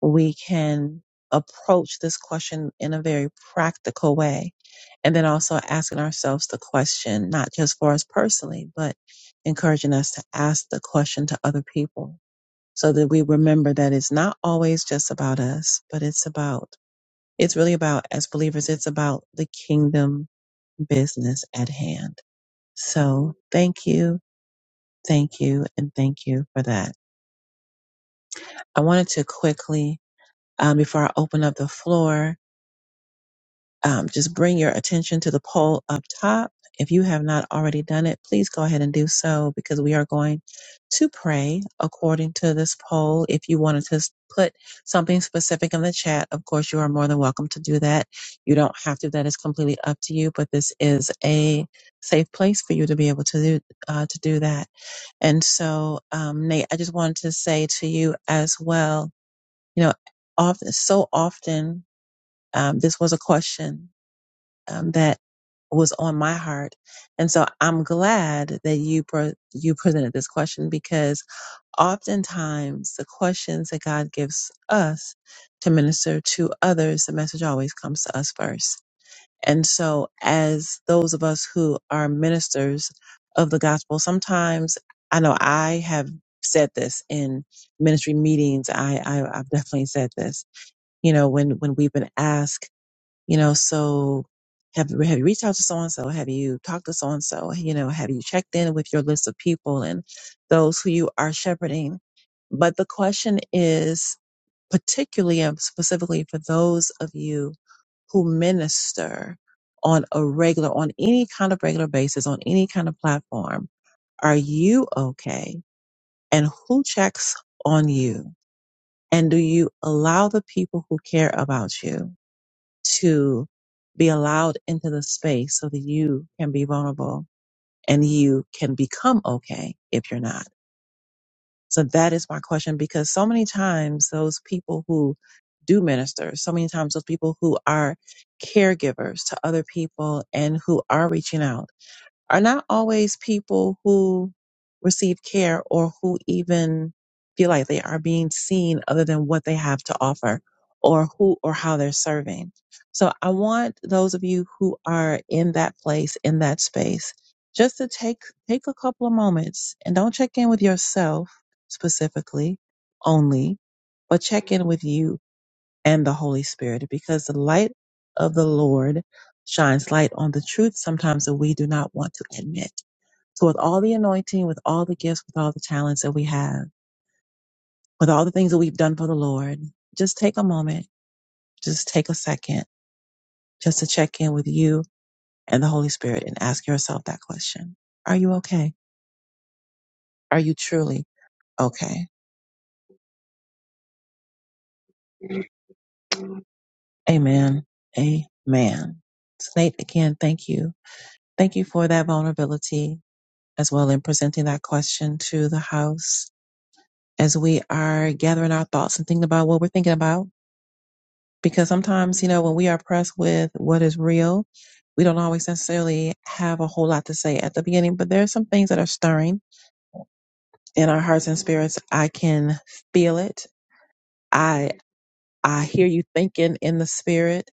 Speaker 1: we can approach this question in a very practical way. And then also asking ourselves the question, not just for us personally, but encouraging us to ask the question to other people so that we remember that it's not always just about us, but it's about, it's really about, as believers, it's about the kingdom business at hand. So thank you, thank you, and thank you for that. I wanted to quickly, um, before I open up the floor, um, just bring your attention to the poll up top. If you have not already done it, please go ahead and do so because we are going to pray according to this poll. If you wanted to s- put something specific in the chat, of course, you are more than welcome to do that. You don't have to. That is completely up to you, but this is a safe place for you to be able to do, uh, to do that. And so, um, Nate, I just wanted to say to you as well, you know, often, so often, um, this was a question um, that was on my heart. And so I'm glad that you pro- you presented this question because oftentimes the questions that God gives us to minister to others, the message always comes to us first. And so as those of us who are ministers of the gospel, sometimes I know I have said this in ministry meetings. I, I I've definitely said this. You know, when when we've been asked you know so have, have you reached out to so and so have you talked to so and so you know have you checked in with your list of people and those who you are shepherding but the question is particularly and specifically for those of you who minister on a regular on any kind of regular basis on any kind of platform are you okay and who checks on you and do you allow the people who care about you to be allowed into the space so that you can be vulnerable and you can become okay if you're not. So that is my question because so many times those people who do minister, so many times those people who are caregivers to other people and who are reaching out are not always people who receive care or who even feel like they are being seen other than what they have to offer or who or how they're serving. So I want those of you who are in that place, in that space, just to take, take a couple of moments and don't check in with yourself specifically only, but check in with you and the Holy Spirit, because the light of the Lord shines light on the truth sometimes that we do not want to admit. So, with all the anointing, with all the gifts, with all the talents that we have, with all the things that we've done for the Lord, just take a moment, just take a second, just to check in with you and the Holy Spirit and ask yourself that question Are you okay? Are you truly okay? Amen. Amen. Nate, again, thank you. Thank you for that vulnerability as well in presenting that question to the house as we are gathering our thoughts and thinking about what we're thinking about. Because sometimes, you know, when we are pressed with what is real, we don't always necessarily have a whole lot to say at the beginning, but there are some things that are stirring in our hearts and spirits. I can feel it. I I hear you thinking in the spirit.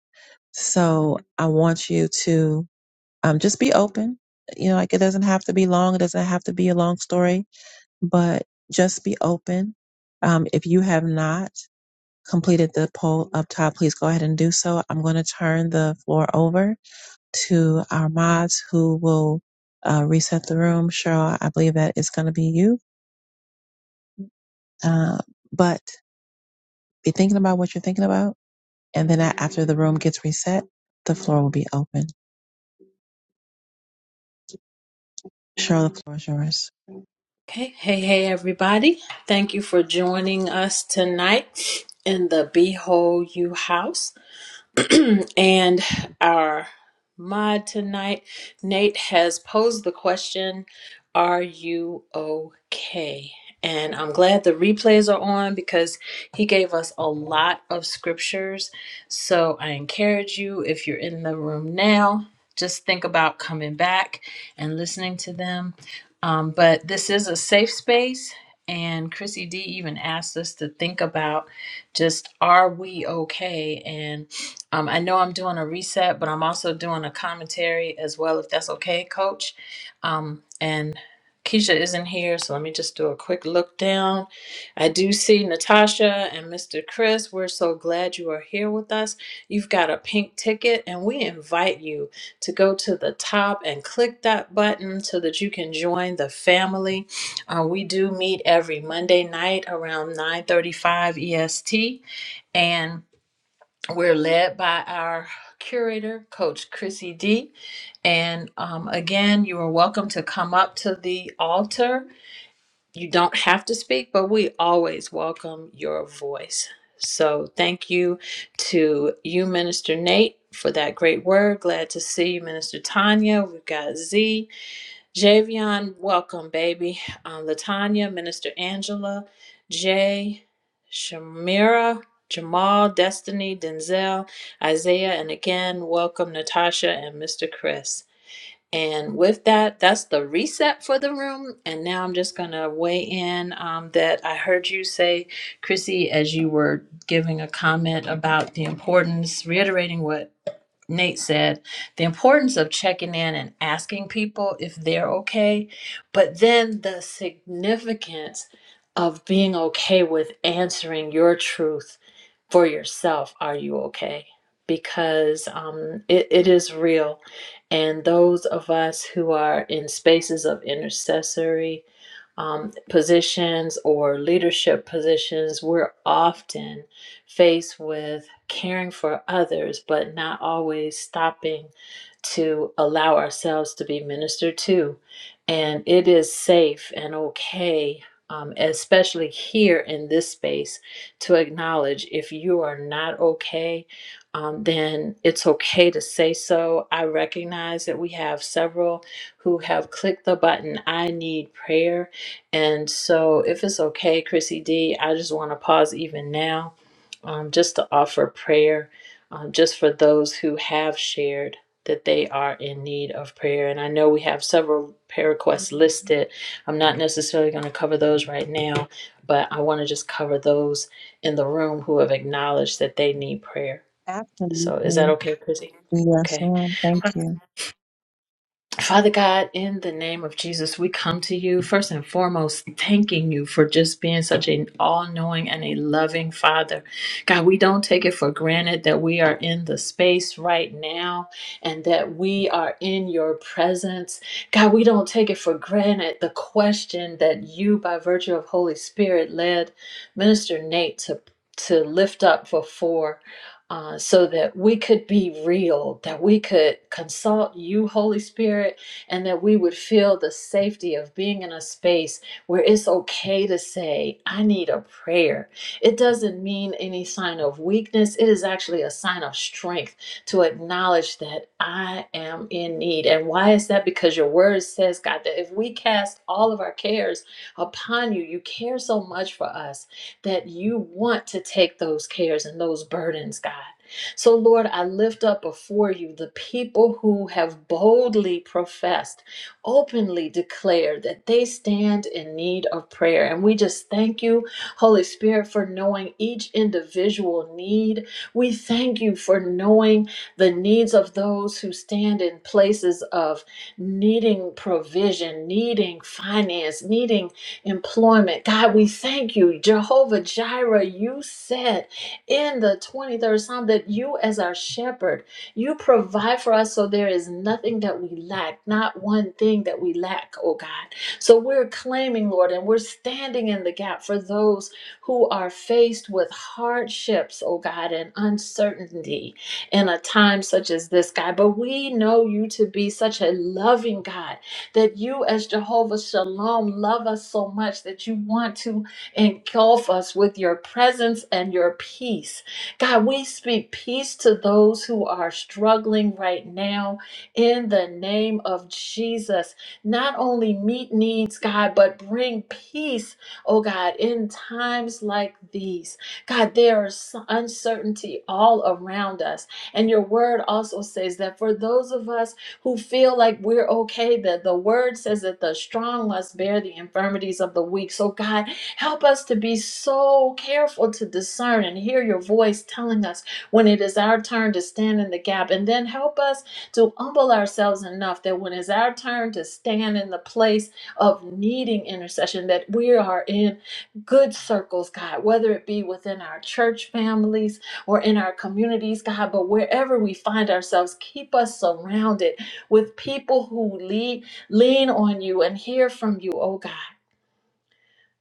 Speaker 1: So I want you to um, just be open. You know, like it doesn't have to be long. It doesn't have to be a long story but just be open. Um, if you have not completed the poll up top, please go ahead and do so. I'm going to turn the floor over to our mods who will uh, reset the room. Cheryl, I believe that is going to be you. Uh, but be thinking about what you're thinking about And then a- after the room gets reset, the floor will be open. Cheryl, the floor is yours.
Speaker 3: Okay. Hey, hey, everybody. Thank you for joining us tonight in the Behold You House. and our mod tonight, Nate, has posed the question Are you okay? And I'm glad the replays are on because he gave us a lot of scriptures. So I encourage you, if you're in the room now, just think about coming back and listening to them. Um, but this is a safe space. And Chrissy D even asked us to think about just are we okay? And um, I know I'm doing a reset, but I'm also doing a commentary as well, if that's okay, Coach. Um, and Keisha isn't here, so let me just do a quick look down. I do see Natasha and Mr. Chris. We're so glad you are here with us. You've got a pink ticket, and we invite you to go to the top and click that button so that you can join the family. Uh, we do meet every Monday night around 9:35 EST, and we're led by our curator, Coach Chrissy D. And um, again, you are welcome to come up to the altar. You don't have to speak, but we always welcome your voice. So thank you to you, Minister Nate, for that great word. Glad to see you, Minister Tanya. We've got Z. Javion, welcome, baby. Um, Latanya, Minister Angela, Jay, Shamira, Jamal, Destiny, Denzel, Isaiah, and again, welcome Natasha and Mr. Chris. And with that, that's the reset for the room. And now I'm just going to weigh in um, that I heard you say, Chrissy, as you were giving a comment about the importance, reiterating what Nate said, the importance of checking in and asking people if they're okay, but then the significance of being okay with answering your truth for yourself. Are you okay? Because um, it, it is real. And those of us who are in spaces of intercessory um, positions or leadership positions, we're often faced with caring for others, but not always stopping to allow ourselves to be ministered to. And it is safe and okay, um, especially here in this space, to acknowledge if you are not okay, um, then it's okay to say so. I recognize that we have several who have clicked the button, I need prayer. And so, if it's okay, Chrissy D, I just want to pause even now um, just to offer prayer um, just for those who have shared that they are in need of prayer. And I know we have several prayer requests listed. I'm not necessarily going to cover those right now, but I want to just cover those in the room who have acknowledged that they need prayer. So is that
Speaker 1: Absolutely.
Speaker 3: okay, Chrissy?
Speaker 1: Yes,
Speaker 3: Okay.
Speaker 1: ma'am. Thank you.
Speaker 3: Father God, in the name of Jesus, we come to you first and foremost, thanking you for just being such an all knowing and a loving Father. God, we don't take it for granted that we are in the space right now and that we are in your presence. God, we don't take it for granted the question that you, by virtue of Holy Spirit, led Minister Nate to, to lift up before uh, so that we could be real, that we could consult you, Holy Spirit, and that we would feel the safety of being in a space where it's okay to say, I need a prayer. It doesn't mean any sign of weakness, it is actually a sign of strength to acknowledge that I am in need. And why is that? Because your word says, God, that if we cast all of our cares upon you, you care so much for us that you want to take those cares and those burdens, God. So, Lord, I lift up before you the people who have boldly professed, openly declared that they stand in need of prayer. And we just thank you, Holy Spirit, for knowing each individual need. We thank you for knowing the needs of those who stand in places of needing provision, needing finance, needing employment. God, we thank you, Jehovah Jireh. You said in the 23rd Psalm that you, as our shepherd, you provide for us so there is nothing that we lack, not one thing that we lack, oh God. So we're claiming, Lord, and we're standing in the gap for those who are faced with hardships, oh God, and uncertainty in a time such as this, God. But we know you to be such a loving God that you, as Jehovah Shalom, love us so much that you want to engulf us with your presence and your peace. God, we speak peace to those who are struggling right now in the name of Jesus. Not only meet needs, God, but bring peace, oh God, in times like these. God, there is uncertainty all around us. And your word also says that for those of us, who feel like we're okay. That the word says that the strong must bear the infirmities of the weak. So, God, help us to be so careful to discern and hear your voice telling us when it is our turn to stand in the gap. And then help us to humble ourselves enough that when it's our turn to stand in the place of needing intercession, that we are in good circles, God, whether it be within our church families or in our communities, God, but wherever we find ourselves, keep us surrounded with people who lean, lean on you and hear from you, oh God.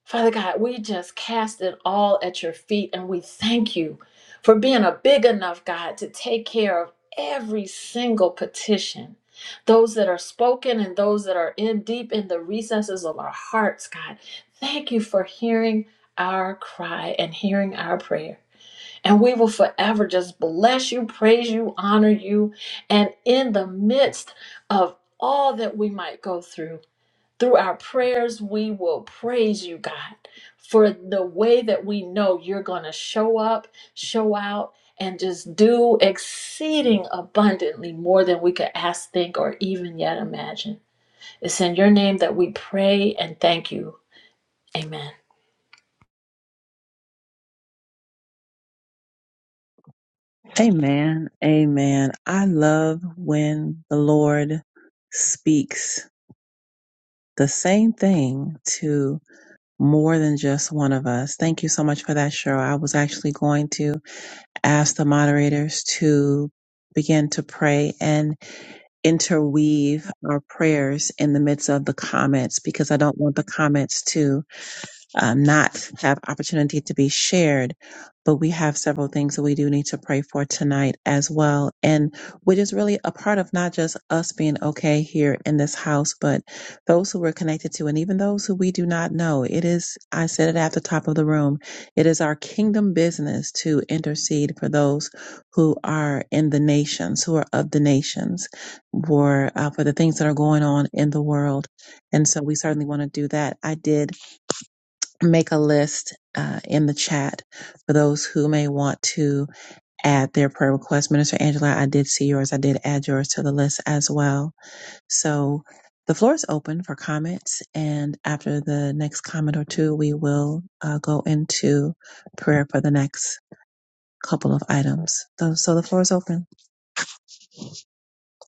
Speaker 3: Father God, we just cast it all at your feet and we thank you for being a big enough God to take care of every single petition. Those that are spoken and those that are in deep in the recesses of our hearts, God. Thank you for hearing our cry and hearing our prayer. And we will forever just bless you, praise you, honor you. And in the midst of all that we might go through, through our prayers, we will praise you, God, for the way that we know you're going to show up, show out, and just do exceeding abundantly more than we could ask, think, or even yet imagine. It's in your name that we pray and thank you. Amen.
Speaker 1: Amen. Amen. I love when the Lord speaks the same thing to more than just one of us. Thank you so much for that, Cheryl. I was actually going to ask the moderators to begin to pray and interweave our prayers in the midst of the comments because I don't want the comments to um, not have opportunity to be shared. But we have several things that we do need to pray for tonight as well. And which is really a part of not just us being okay here in this house, but those who we're connected to and even those who we do not know. It is, I said it at the top of the room, it is our kingdom business to intercede for those who are in the nations, who are of the nations, for, uh, for the things that are going on in the world. And so we certainly want to do that. I did make a list uh, in the chat for those who may want to add their prayer request. Minister Angela, I did see yours. I did add yours to the list as well. So the floor is open for comments. And after the next comment or two, we will uh, go into prayer for the next couple of items. So, so the floor is open.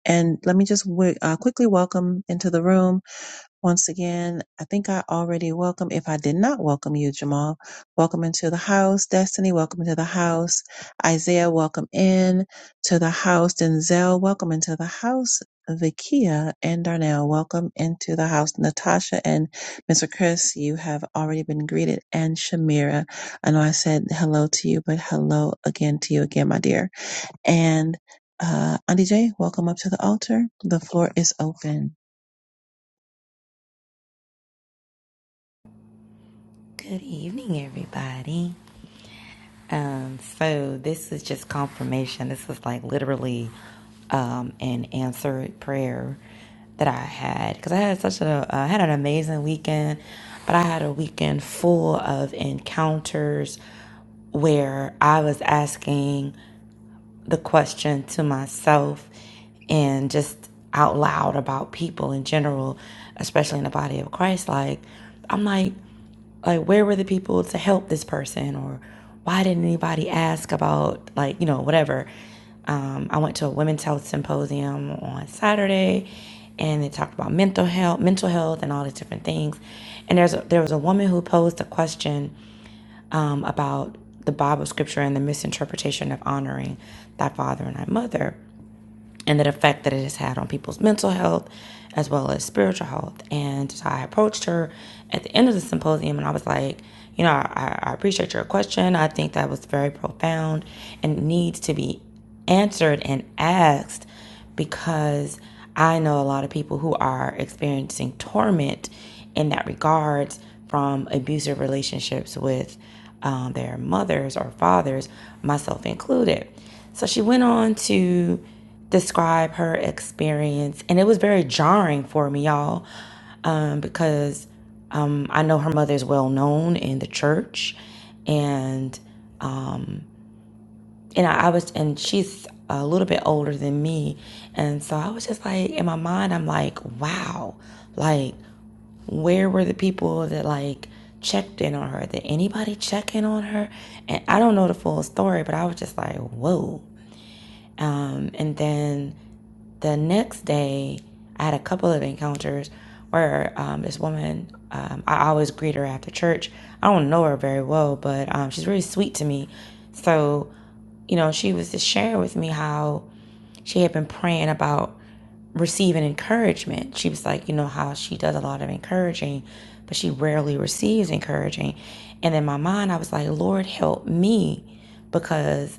Speaker 1: And let me just w- uh, quickly welcome into the room Once again, I think I already welcome. If I did not welcome you, Jamal, welcome into the house. Destiny, welcome into the house. Isaiah, welcome in to the house. Denzel, welcome into the house. Vikia and Darnell, welcome into the house. Natasha and Mr. Chris, you have already been greeted. And Shamira, I know I said hello to you, but hello again to you again, my dear. And uh, Auntie J, welcome up to the altar. The floor is open.
Speaker 4: Good evening, everybody. Um, so this is just confirmation. This was like literally um, an answered prayer that I had because I had such a I had an amazing weekend, but I had a weekend full of encounters where I was asking the question to myself and just out loud about people in general, especially in the body of Christ. Like, I'm like, like where were the people to help this person or why didn't anybody ask about like you know whatever um, i went to a women's health symposium on saturday and they talked about mental health mental health and all these different things and there's a, there was a woman who posed a question um, about the Bible scripture and the misinterpretation of honoring thy father and thy mother, and the effect that it has had on people's mental health as well as spiritual health. And so I approached her at the end of the symposium and I was like, you know, I, I appreciate your question. I think that was very profound and needs to be answered and asked because I know a lot of people who are experiencing torment in that regards from abusive relationships with um, their mothers or fathers, myself included. So she went on to describe her experience, and it was very jarring for me, y'all, um, because um, I know her mother is well known in the church, and um, and I, I was and she's a little bit older than me and so i was just like in my mind i'm like wow like where were the people that like checked in on her did anybody check in on her and i don't know the full story but i was just like whoa um, and then the next day i had a couple of encounters where um, this woman um, i always greet her after church i don't know her very well but um, she's really sweet to me so you know, she was just sharing with me how she had been praying about receiving encouragement. She was like, you know, how she does a lot of encouraging, but she rarely receives encouraging. And in my mind, I was like, Lord, help me because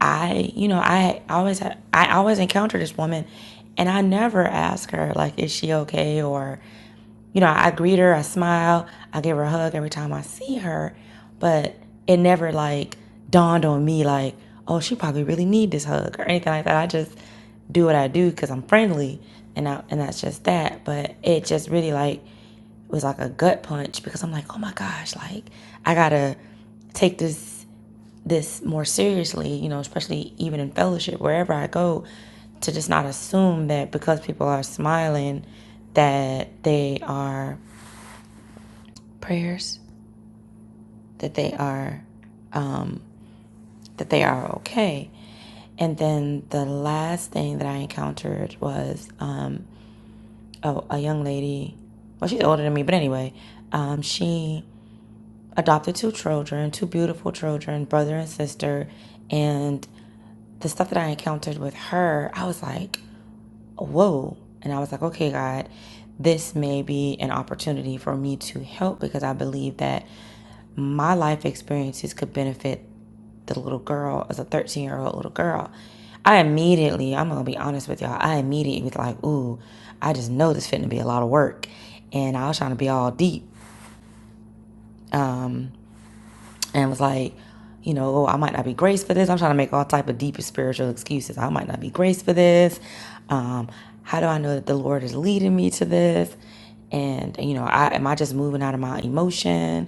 Speaker 4: I, you know, I always had, I always encounter this woman, and I never ask her like, is she okay? Or, you know, I greet her, I smile, I give her a hug every time I see her, but it never like dawned on me like, oh, she probably really need this hug or anything like that. I just do what I do because I'm friendly, and I, and that's just that. But it just really like was like a gut punch because I'm like, oh my gosh, like I gotta take this this more seriously, you know, especially even in fellowship, wherever I go, to just not assume that because people are smiling, that they are prayers, that they are, um, that they are okay. And then the last thing that I encountered was um, a, a young lady. Well, she's older than me, but anyway, um, she adopted two children, two beautiful children, brother and sister. And the stuff that I encountered with her, I was like, whoa. And I was like, okay, God, this may be an opportunity for me to help because I believe that my life experiences could benefit the little girl as a 13 year old little girl. I immediately, I'm gonna be honest with y'all, I immediately was like, ooh, I just know this fitting to be a lot of work. And I was trying to be all deep. Um, and was like, you know, oh, I might not be graced for this. I'm trying to make all type of deep spiritual excuses. I might not be graced for this. Um, how do I know that the Lord is leading me to this? And you know, I am I just moving out of my emotion?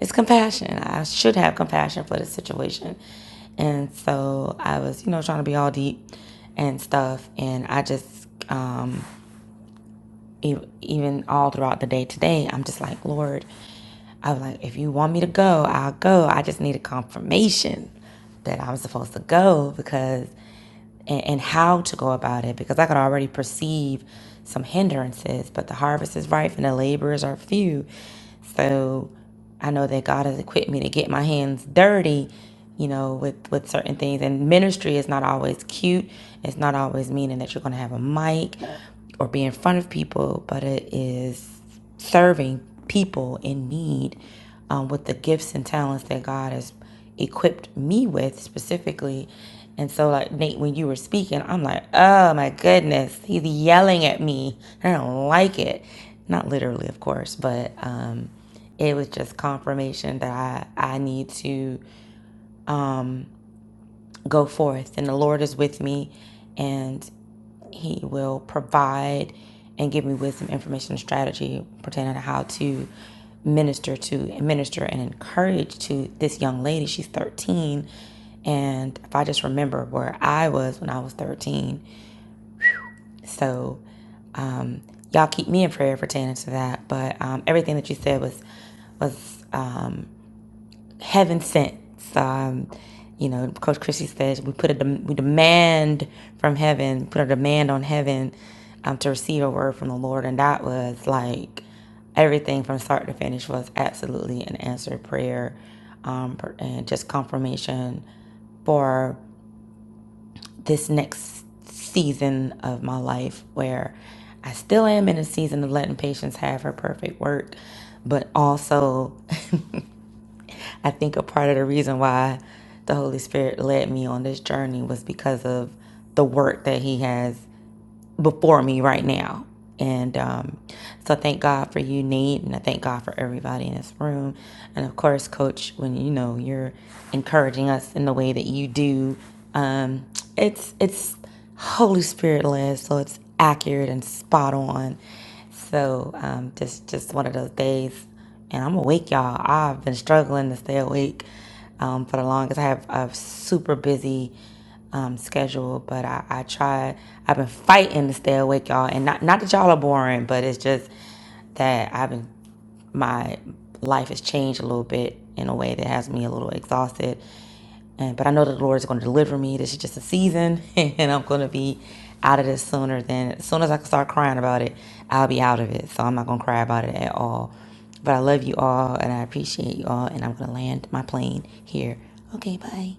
Speaker 4: It's compassion. I should have compassion for the situation. And so I was, you know, trying to be all deep and stuff. And I just um, even all throughout the day today, I'm just like, Lord, I'm like, if you want me to go, I'll go. I just need a confirmation that I'm supposed to go because, and, and how to go about it because I could already perceive some hindrances, but the harvest is ripe and the laborers are few. So, I know that God has equipped me to get my hands dirty, you know, with with certain things. And ministry is not always cute. It's not always meaning that you're going to have a mic or be in front of people, but it is serving people in need um, with the gifts and talents that God has equipped me with specifically. And so, like Nate, when you were speaking, I'm like, oh my goodness, he's yelling at me. I don't like it. Not literally, of course, but. Um, it was just confirmation that I, I need to go forth and the Lord is with me and he will provide and give me wisdom, information, and strategy pertaining to how to minister to minister and encourage to this young lady. She's 13. And if I just remember where I was when I was 13. So um, y'all keep me in prayer pertaining to that. But um, everything that you said was was um. heaven sent. So, um, you know, Coach Christie says we put a dem- we demand from heaven, put a demand on heaven um, to receive a word from the Lord, and that was like everything from start to finish was absolutely an answered prayer, um, and just confirmation for this next season of my life where I still am in a season of letting patience have her perfect work, but also I think a part of the reason why the Holy Spirit led me on this journey was because of the work that He has before me right now. And um, so thank God for you, Nate, and I thank God for everybody in this room. And of course, Coach, when you know you're encouraging us in the way that you do, um, it's it's Holy Spirit led, so it's accurate and spot on. So um, just just one of those days, and I'm awake, y'all. I've been struggling to stay awake um, for the longest. I have a super busy um, schedule, but I, I try. I've been fighting to stay awake, y'all. And not not that y'all are boring, but it's just that I've been my life has changed a little bit in a way that has me a little exhausted. And, but I know that the Lord is going to deliver me. This is just a season, and I'm going to be out of this sooner than as soon as I can start crying about it, I'll be out of it. So I'm not going to cry about it at all. But I love you all, and I appreciate you all, and I'm going to land my plane here. Okay, bye.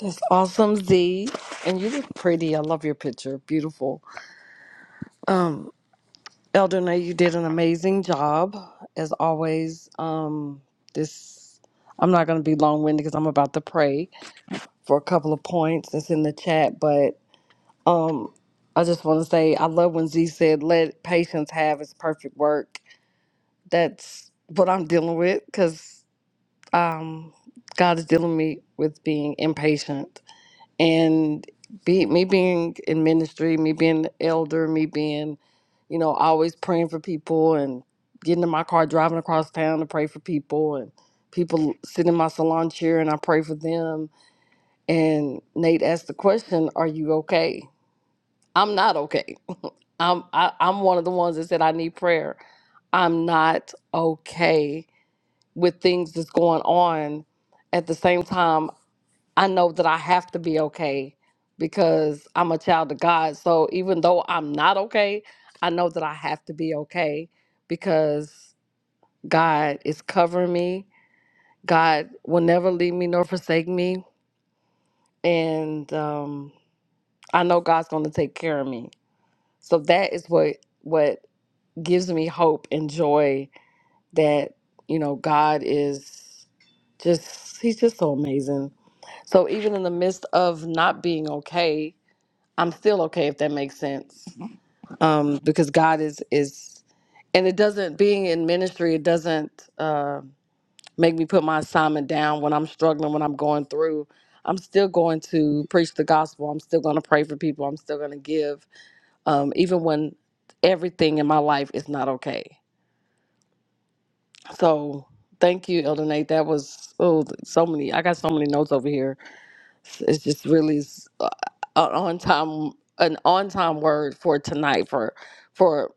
Speaker 5: That's awesome, Z. And you look pretty. I love your picture. Beautiful. Eldona, you did an amazing job, as always. Um, this I'm not gonna be long winded because I'm about to pray for a couple of points that's in the chat, but um I just wanna say I love when Z said let patience have its perfect work. That's what I'm dealing with because um God is dealing me with being impatient and be me being in ministry, me being the elder, me being, you know, always praying for people and getting in my car, driving across town to pray for people and people sit in my salon chair and I pray for them. And Nate asked the question, Are you okay? I'm not okay. I'm I, I'm one of the ones that said I need prayer. I'm not okay with things that's going on. At the same time, I know that I have to be okay because I'm a child of God. So even though I'm not okay, I know that I have to be okay because God is covering me. God will never leave me nor forsake me. And um, I know God's going to take care of me. So that is what what gives me hope and joy that you know God is just he's just so amazing. So even in the midst of not being okay, I'm still okay if that makes sense. Um, because God is is and it doesn't being in ministry, it doesn't uh, make me put my assignment down when I'm struggling, when I'm going through. I'm still going to preach the gospel. I'm still going to pray for people. I'm still going to give, um, even when everything in my life is not okay. So thank you, Elder Nate. That was oh, so many. I got so many notes over here It's just really s- uh, a- an on time an on time word for tonight for for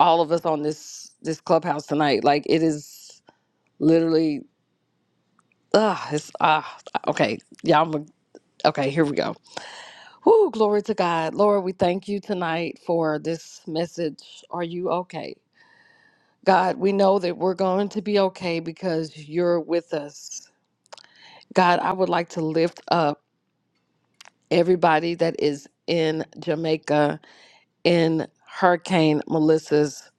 Speaker 5: all of us on this this clubhouse tonight. Like it is literally ah it's ah okay yeah I'm a, okay here we go. Whoo glory to God, Lord we thank you tonight for this message. Are you okay? God, we know that we're going to be okay because you're with us. God, I would like to lift up everybody that is in Jamaica in Hurricane Melissa's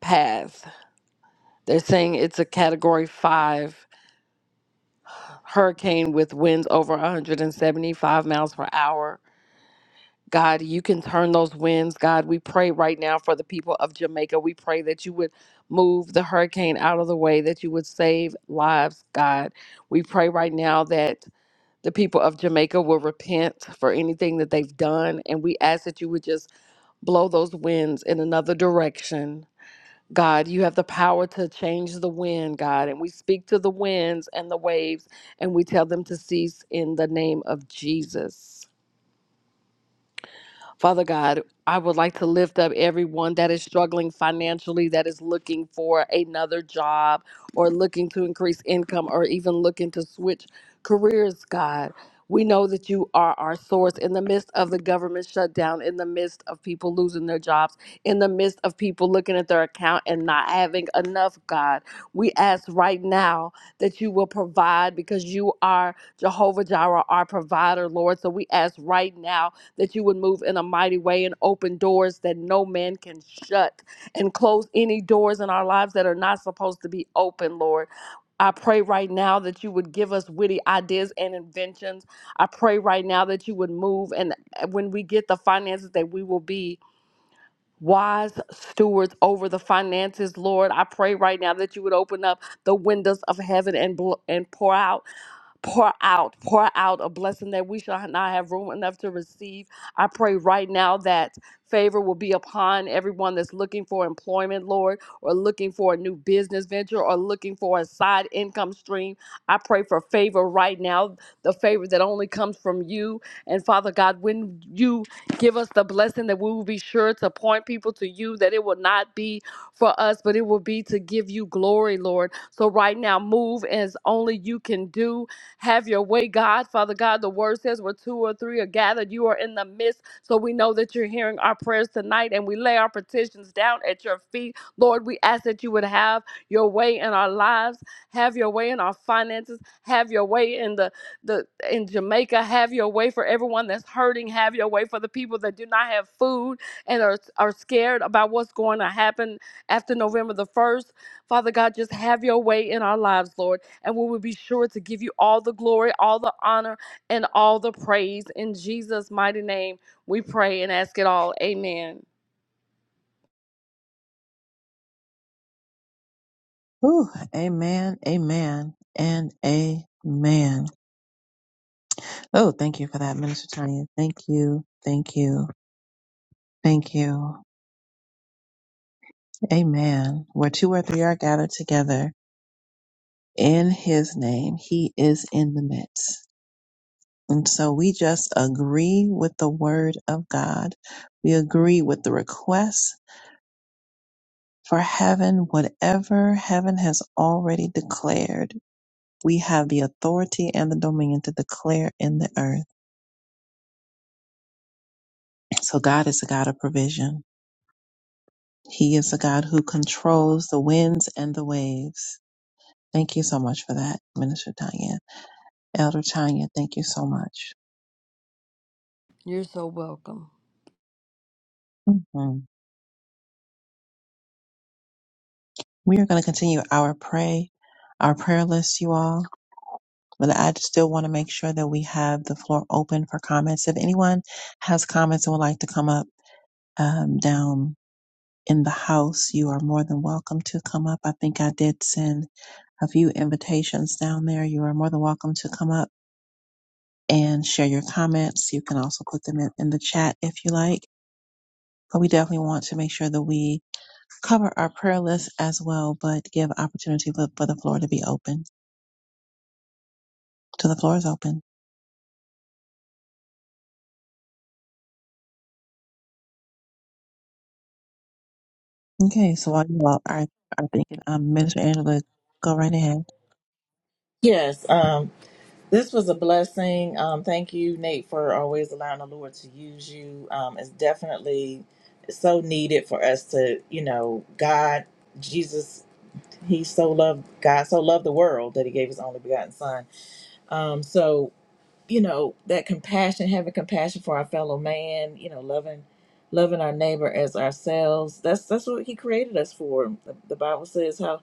Speaker 5: path. They're saying it's a category five hurricane with winds over 175 miles per hour. God, you can turn those winds. God, we pray right now for the people of Jamaica. We pray that you would move the hurricane out of the way, that you would save lives, God. We pray right now that the people of Jamaica will repent for anything that they've done. And we ask that you would just blow those winds in another direction God, you have the power to change the wind, God. And we speak to the winds and the waves and we tell them to cease in the name of Jesus. Father God, I would like to lift up everyone that is struggling financially, that is looking for another job or looking to increase income or even looking to switch careers, God. We know that you are our source in the midst of the government shutdown, in the midst of people losing their jobs, in the midst of people looking at their account and not having enough, God. We ask right now that you will provide because you are Jehovah Jireh, our provider, Lord. So we ask right now that you would move in a mighty way and open doors that no man can shut and close any doors in our lives that are not supposed to be open, Lord. I pray right now that you would give us witty ideas and inventions. I pray right now that you would move and uh, when we get the finances that we will be wise stewards over the finances, Lord. I pray right now that you would open up the windows of heaven and bl- and pour out pour out, pour out a blessing that we shall not have room enough to receive. I pray right now that favor will be upon everyone that's looking for employment, Lord, or looking for a new business venture or looking for a side income stream. I pray for favor right now, the favor that only comes from you. And Father God, when you give us the blessing that we will be sure to point people to you, that it will not be for us, but it will be to give you glory, Lord. So right now, move as only you can do have your way, God. Father God, the word says where two or three are gathered, you are in the midst. So we know that you're hearing our prayers tonight and we lay our petitions down at your feet. Lord, we ask that you would have your way in our lives, have your way in our finances, have your way in the, the in Jamaica, have your way for everyone that's hurting, have your way for the people that do not have food and are, are scared about what's going to happen after November the 1st. Father God, just have your way in our lives, Lord. And we will be sure to give you all the glory, all the honor, and all the praise. In Jesus' mighty name, we pray and ask it all. Amen.
Speaker 1: Whew, amen, amen, and amen. Oh, thank you for that, Minister Tanya. Thank you, thank you, thank you. Amen. Where two or three are gathered together in his name, he is in the midst. And so we just agree with the word of God. We agree with the request for heaven, whatever heaven has already declared. We have the authority and the dominion to declare in the earth. So God is a God of provision. He is a God who controls the winds and the waves. Thank you so much for that, Minister Tanya. Elder Tanya, thank you so much.
Speaker 5: You're so welcome.
Speaker 1: Mhm. We are going to continue our pray, our prayer list, you all. But I just still want to make sure that we have the floor open for comments. If anyone has comments and would like to come up um, down in the house, you are more than welcome to come up. I think I did send a few invitations down there. You are more than welcome to come up and share your comments. You can also put them in, in the chat if you like. But we definitely want to make sure that we cover our prayer list as well, but give opportunity for, for the floor to be open. So the floor is open. Okay, so while you all are, are thinking, um, Minister Angela, go right ahead.
Speaker 6: Yes, um, this was a blessing. Um, thank you, Nate, for always allowing the Lord to use you. Um, it's definitely so needed for us to, you know, God, Jesus, He so loved God, so loved the world that He gave His only begotten Son. Um, so, you know, that compassion, having compassion for our fellow man, you know, loving, loving our neighbor as ourselves. That's that's what He created us for. The, the Bible says how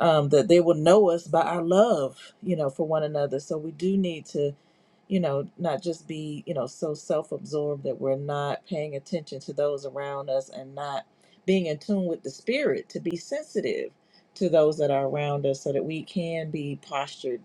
Speaker 6: um, that they will know us by our love, you know, for one another. So we do need to, you know, not just be, you know, so self absorbed that we're not paying attention to those around us and not being in tune with the spirit to be sensitive to those that are around us so that we can be postured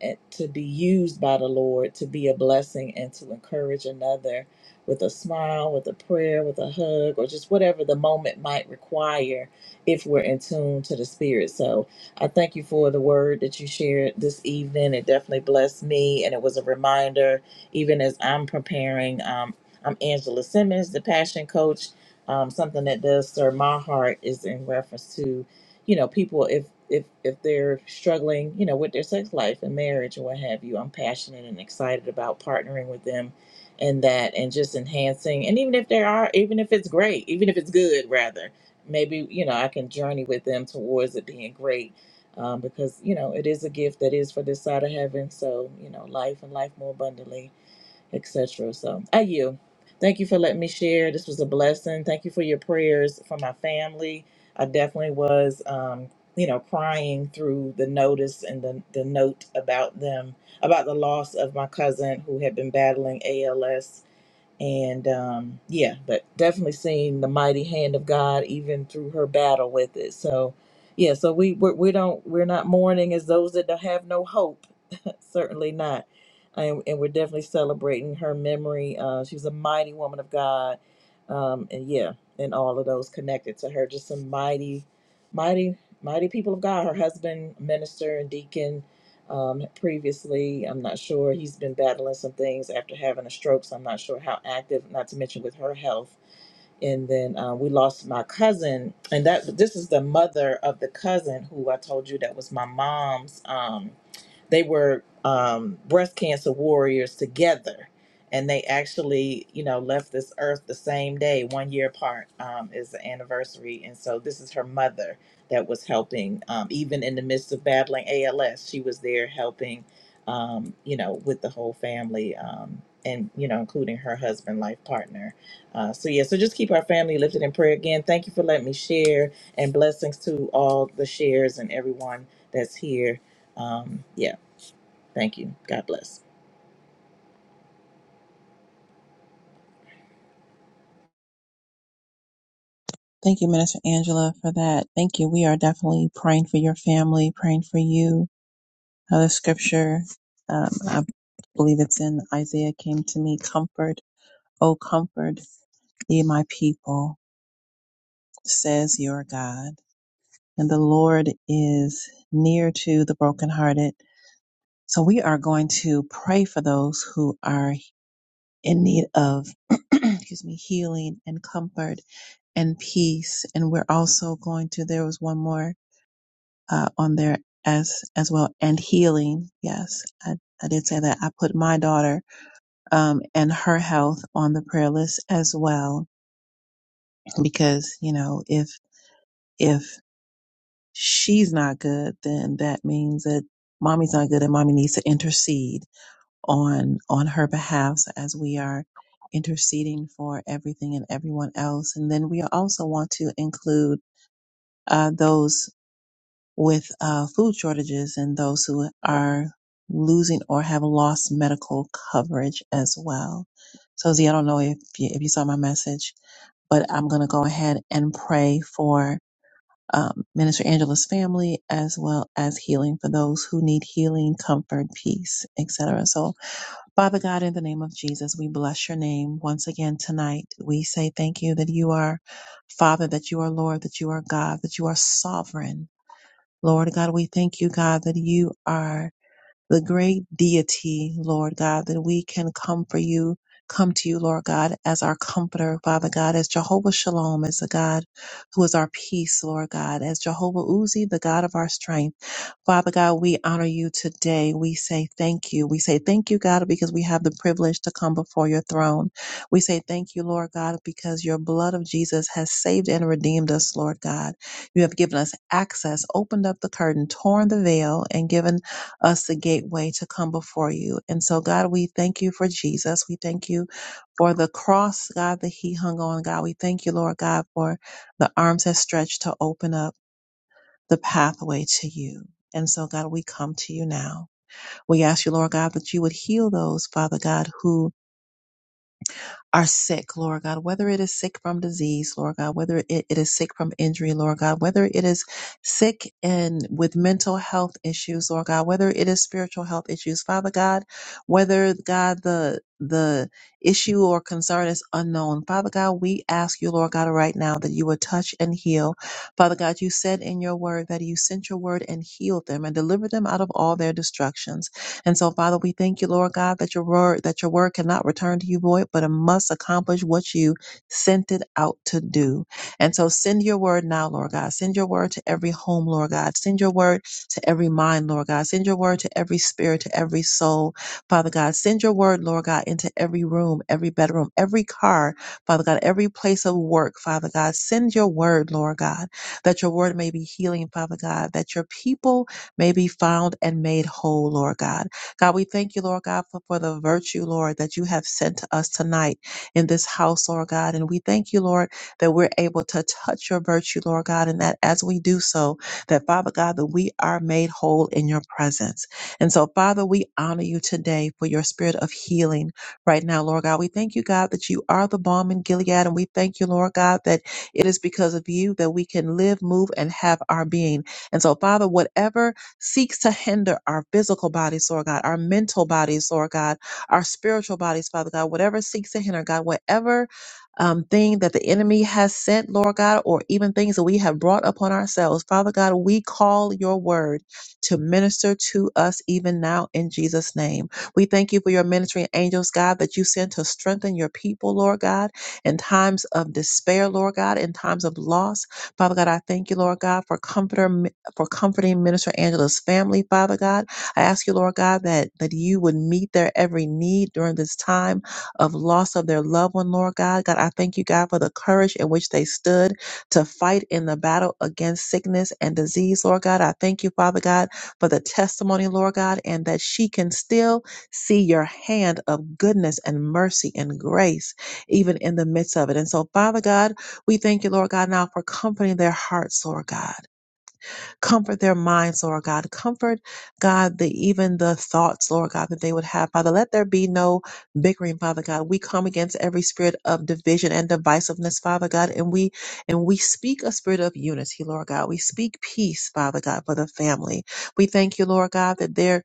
Speaker 6: and to be used by the Lord to be a blessing and to encourage another with a smile, with a prayer, with a hug, or just whatever the moment might require if we're in tune to the spirit. So, I thank you for the word that you shared this evening. It definitely blessed me, and it was a reminder, even as I'm preparing. Um, I'm Angela Simmons, the passion coach. Um, something that does stir my heart is in reference to, you know, people if if if they're struggling, you know, with their sex life and marriage or what have you. I'm passionate and excited about partnering with them in that and just enhancing. And even if there are, even if it's great, even if it's good, rather, maybe you know I can journey with them towards it being great um, because you know it is a gift that is for this side of heaven. So you know, life and life more abundantly, etc. So I you, thank you for letting me share. This was a blessing. Thank you for your prayers for my family. I definitely was, um, you know, crying through the notice and the the note about them about the loss of my cousin who had been battling ALS and um, yeah, but definitely seeing the mighty hand of God even through her battle with it. So, yeah, so we we, we don't we're not mourning as those that don't have no hope certainly not. And, and we're definitely celebrating her memory. Uh, she was a mighty woman of God. Um, and yeah, and all of those connected to her, just some mighty, mighty, mighty people of God. Her husband, minister and deacon, um, previously, I'm not sure. He's been battling some things after having a stroke, so I'm not sure how active, not to mention with her health. And then uh, we lost my cousin, and that this is the mother of the cousin who I told you that was my mom's. Um, they were um, breast cancer warriors together and they actually you know left this earth the same day one year apart um, is the anniversary and so this is her mother that was helping um, even in the midst of battling als she was there helping um, you know with the whole family um, and you know including her husband life partner uh, so yeah so just keep our family lifted in prayer again thank you for letting me share and blessings to all the shares and everyone that's here um, yeah Thank you. God bless.
Speaker 1: Thank you, Minister Angela, for that. Thank you. We are definitely praying for your family, praying for you. Another scripture, um, I believe it's in Isaiah, came to me, comfort, oh comfort, ye my people. says your God, and the Lord is near to the brokenhearted. So we are going to pray for those who are in need of, excuse me, healing and comfort and peace. And we're also going to, there was one more uh, on there as, as well, and healing. Yes, I, I did say that. I put my daughter um, and her health on the prayer list as well, because, you know, if, if she's not good, then that means that mommy's not good and mommy needs to intercede on on her behalf as we are interceding for everything and everyone else. And then we also want to include uh, those with uh, food shortages and those who are losing or have lost medical coverage as well. So Z, I don't know if you, if you saw my message, but I'm going to go ahead and pray for um, Minister Angela's family, as well as healing for those who need healing, comfort, peace, etc. So, Father God, in the name of Jesus, we bless your name once again tonight. We say thank you that you are Father, that you are Lord, that you are God, that you are sovereign. Lord God, we thank you, God, that you are the great deity, Lord God, that we can come for you, come to you, Lord God, as our comforter, Father God, as Jehovah Shalom, as the God who is our peace, Lord God, as Jehovah Uzi, the God of our strength. Father God, we honor you today. We say thank you. We say thank you, God, because we have the privilege to come before your throne. We say thank you, Lord God, because your blood of Jesus has saved and redeemed us, Lord God. You have given us access, opened up the curtain, torn the veil, and given us the gateway to come before you. And so, God, we thank you for Jesus. We thank you for the cross, God, that he hung on, God. We thank you, Lord God, for the arms that stretched to open up the pathway to you. And so, God, we come to you now. We ask you, Lord God, that you would heal those, Father God, who are sick, Lord God, whether it is sick from disease, Lord God, whether it, it is sick from injury, Lord God, whether it is sick and with mental health issues, Lord God, whether it is spiritual health issues, Father God, whether God the the issue or concern is unknown. Father God, we ask you, Lord God, right now that you would touch and heal. Father God, you said in your word that you sent your word and healed them and delivered them out of all their destructions. And so, Father, we thank you, Lord God, that your word, that your word cannot return to you void, but it must accomplish what you sent it out to do. And so send your word now, Lord God. Send your word to every home, Lord God. Send your word to every mind, Lord God. Send your word to every spirit, to every soul, Father God. Send your word, Lord God, into every room, every bedroom, every car, Father God, every place of work, Father God. Send your word, Lord God, that your word may be healing, Father God, that your people may be found and made whole, Lord God. God, we thank you, Lord God, for, for the virtue, Lord, that you have sent to us tonight in this house, Lord God. And we thank you, Lord, that we're able to touch your virtue, Lord God, and that as we do so, that Father God, that we are made whole in your presence. And so, Father, we honor you today for your spirit of healing right now, Lord God. We thank you, God, that you are the balm in Gilead. And we thank you, Lord God, that it is because of you that we can live, move, and have our being. And so, Father, whatever seeks to hinder our physical bodies, Lord God, our mental bodies, Lord God, our spiritual bodies, Father God, whatever seeks to hinder, God, whatever um, thing that the enemy has sent, Lord God, or even things that we have brought upon ourselves, Father God, we call your word to minister to us even now in Jesus' name. We thank you for your ministering angels, God, that you send to strengthen your people, Lord God, in times of despair, Lord God, in times of loss. Father God, I thank you, Lord God, for comforter for comforting Minister Angela's family, Father God. I ask you, Lord God, that, that you would meet their every need during this time of loss of their loved one, Lord God. God, I thank you, God, for the courage in which they stood to fight in the battle against sickness and disease, Lord God. I thank you, Father God, for the testimony, Lord God, and that she can still see your hand of goodness and mercy and grace, even in the midst of it. And so, Father God, we thank you, Lord God, now for comforting their hearts, Lord God. Comfort their minds, Lord God. Comfort, God, the even the thoughts, Lord God, that they would have. Father, let there be no bickering, Father God. We come against every spirit of division and divisiveness, Father God, and we and we speak a spirit of unity, Lord God. We speak peace, Father God, for the family. We thank you, Lord God, that there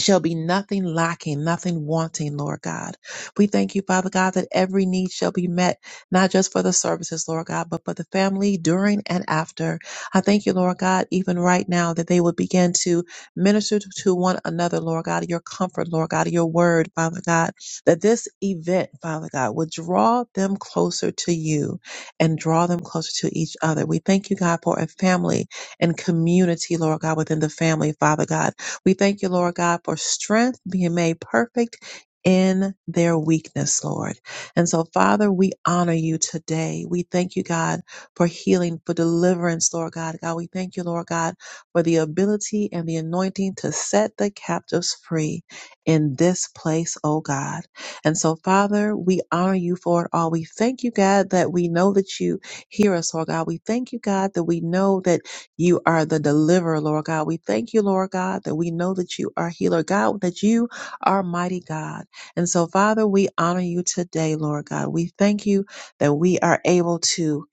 Speaker 1: shall be nothing lacking, nothing wanting, Lord God. We thank you, Father God, that every need shall be met, not just for the services, Lord God, but for the family during and after. I thank you, Lord God, even right now that they would begin to minister to to one another, Lord God, your comfort, Lord God, your word, Father God, that this event, Father God, would draw them closer to you and draw them closer to each other. We thank you, God, for a family and community, Lord God, within the family, Father God we thank you, Lord God, for strength being made perfect in their weakness, Lord. And so, Father, we honor you today. We thank you, God, for healing, for deliverance, Lord God. God, we thank you, Lord God, for the ability and the anointing to set the captives free in this place, oh God. And so, Father, we honor you for it all. We thank you, God, that we know that you hear us, Lord God. We thank you, God, that we know that you are the deliverer, Lord God. We thank you, Lord God, that we know that you are healer, God, that you are mighty God. And so, Father, we honor you today, Lord God. We thank you that we are able to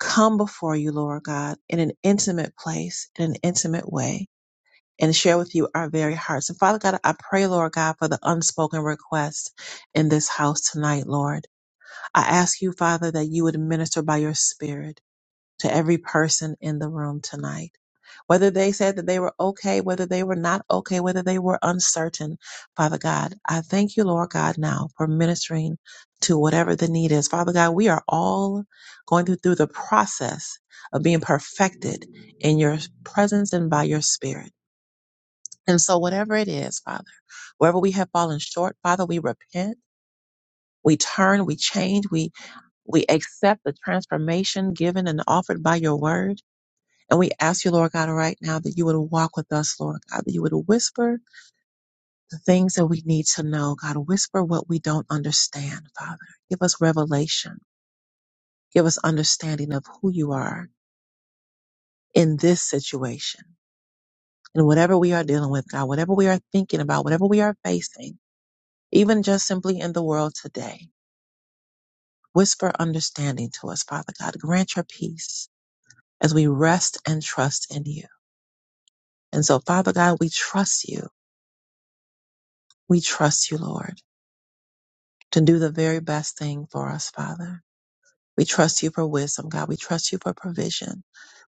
Speaker 1: come before you, Lord God, in an intimate place, in an intimate way. And share with you our very hearts. And Father God, I pray, Lord God, for the unspoken requests in this house tonight, Lord. I ask you, Father, that you would minister by your spirit to every person in the room tonight. Whether they said that they were okay, whether they were not okay, whether they were uncertain, Father God, I thank you, Lord God, now for ministering to whatever the need is. Father God, we are all going through, through the process of being perfected in your presence and by your spirit. And so, whatever it is, Father, wherever we have fallen short, Father, we repent, we turn, we change, we, we accept the transformation given and offered by your word. And we ask you, Lord God, right now that you would walk with us, Lord God, that you would whisper the things that we need to know, God, whisper what we don't understand, Father. Give us revelation. Give us understanding of who you are in this situation. And whatever we are dealing with, God, whatever we are thinking about, whatever we are facing, even just simply in the world today, whisper understanding to us, Father God. Grant your peace as we rest and trust in you. And so, Father God, we trust you. We trust you, Lord. to do the very best thing for us, Father. We trust you for wisdom, God. We trust you for provision.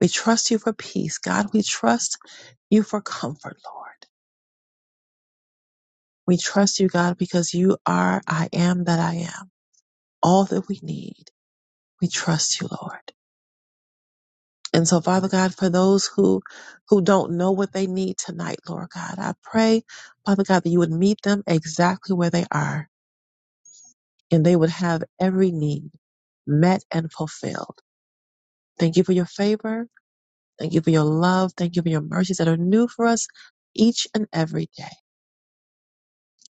Speaker 1: We trust you for peace, God. We trust you for comfort, Lord. We trust you, God, because you are I am that I am, all that we need. We trust you, Lord. And so, Father God, for those who who don't know what they need tonight, Lord God, I pray, Father God, that you would meet them exactly where they are and they would have every need met and fulfilled. Thank you for your favor. Thank you for your love. Thank you for your mercies that are new for us each and every day.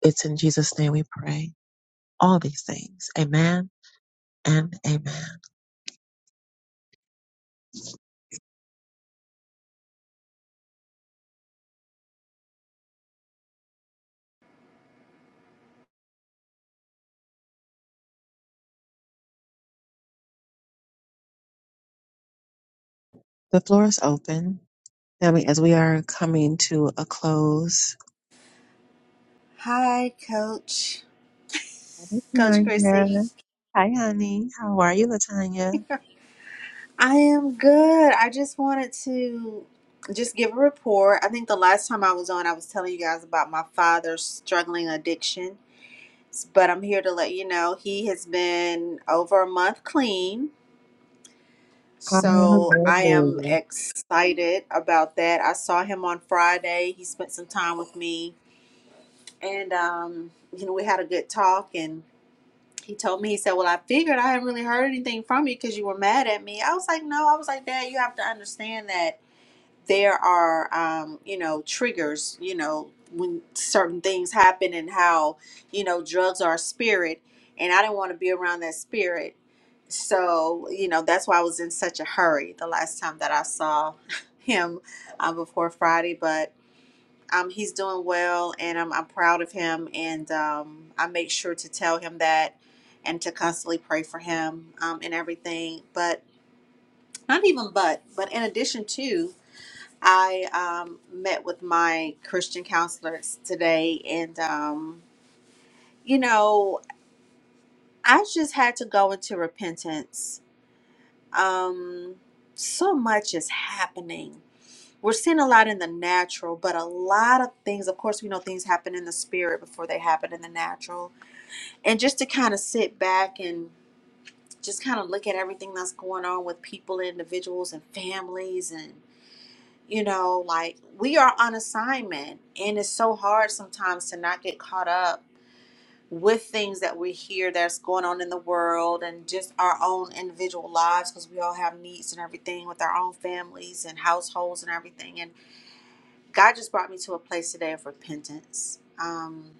Speaker 1: It's in Jesus' name we pray all these things. Amen and amen. The floor is open. Family, as we are coming to a close,
Speaker 7: Hi, Coach. Coach Chrissy.
Speaker 1: Latanya. Hi, honey. How are you, Latanya?
Speaker 7: I am good. I just wanted to just give a report. I think the last time I was on, I was telling you guys about my father's struggling addiction, but I'm here to let you know he has been over a month clean. So I am
Speaker 1: Hallelujah.
Speaker 7: excited about that. I saw him on Friday. He spent some time with me, and um, you know, we had a good talk, and. he told me, he said, Well, I figured I haven't really heard anything from you because you were mad at me. I was like, No, I was like, Dad, you have to understand that there are, um, you know, triggers, you know, when certain things happen and how, you know, drugs are a spirit. And I didn't want to be around that spirit. So, you know, that's why I was in such a hurry the last time that I saw him uh, before Friday. But um, he's doing well, and I'm I'm proud of him. And um, I make sure to tell him that, and to constantly pray for him um, and everything. But not even but, but in addition to, I um, met with my Christian counselors today, and um, you know, I just had to go into repentance. Um, so much is happening we're seeing a lot in the natural, but a lot of things, of course, we know things happen in the spirit before they happen in the natural. And just to kind of sit back and just kind of look at everything that's going on with people, individuals, and families. And, you know, like we are on assignment. And it's so hard sometimes to not get caught up with things that we hear that's going on in the world and just our own individual lives because we all have needs and everything with our own families and households and everything. and. God just brought me to a place today of repentance um,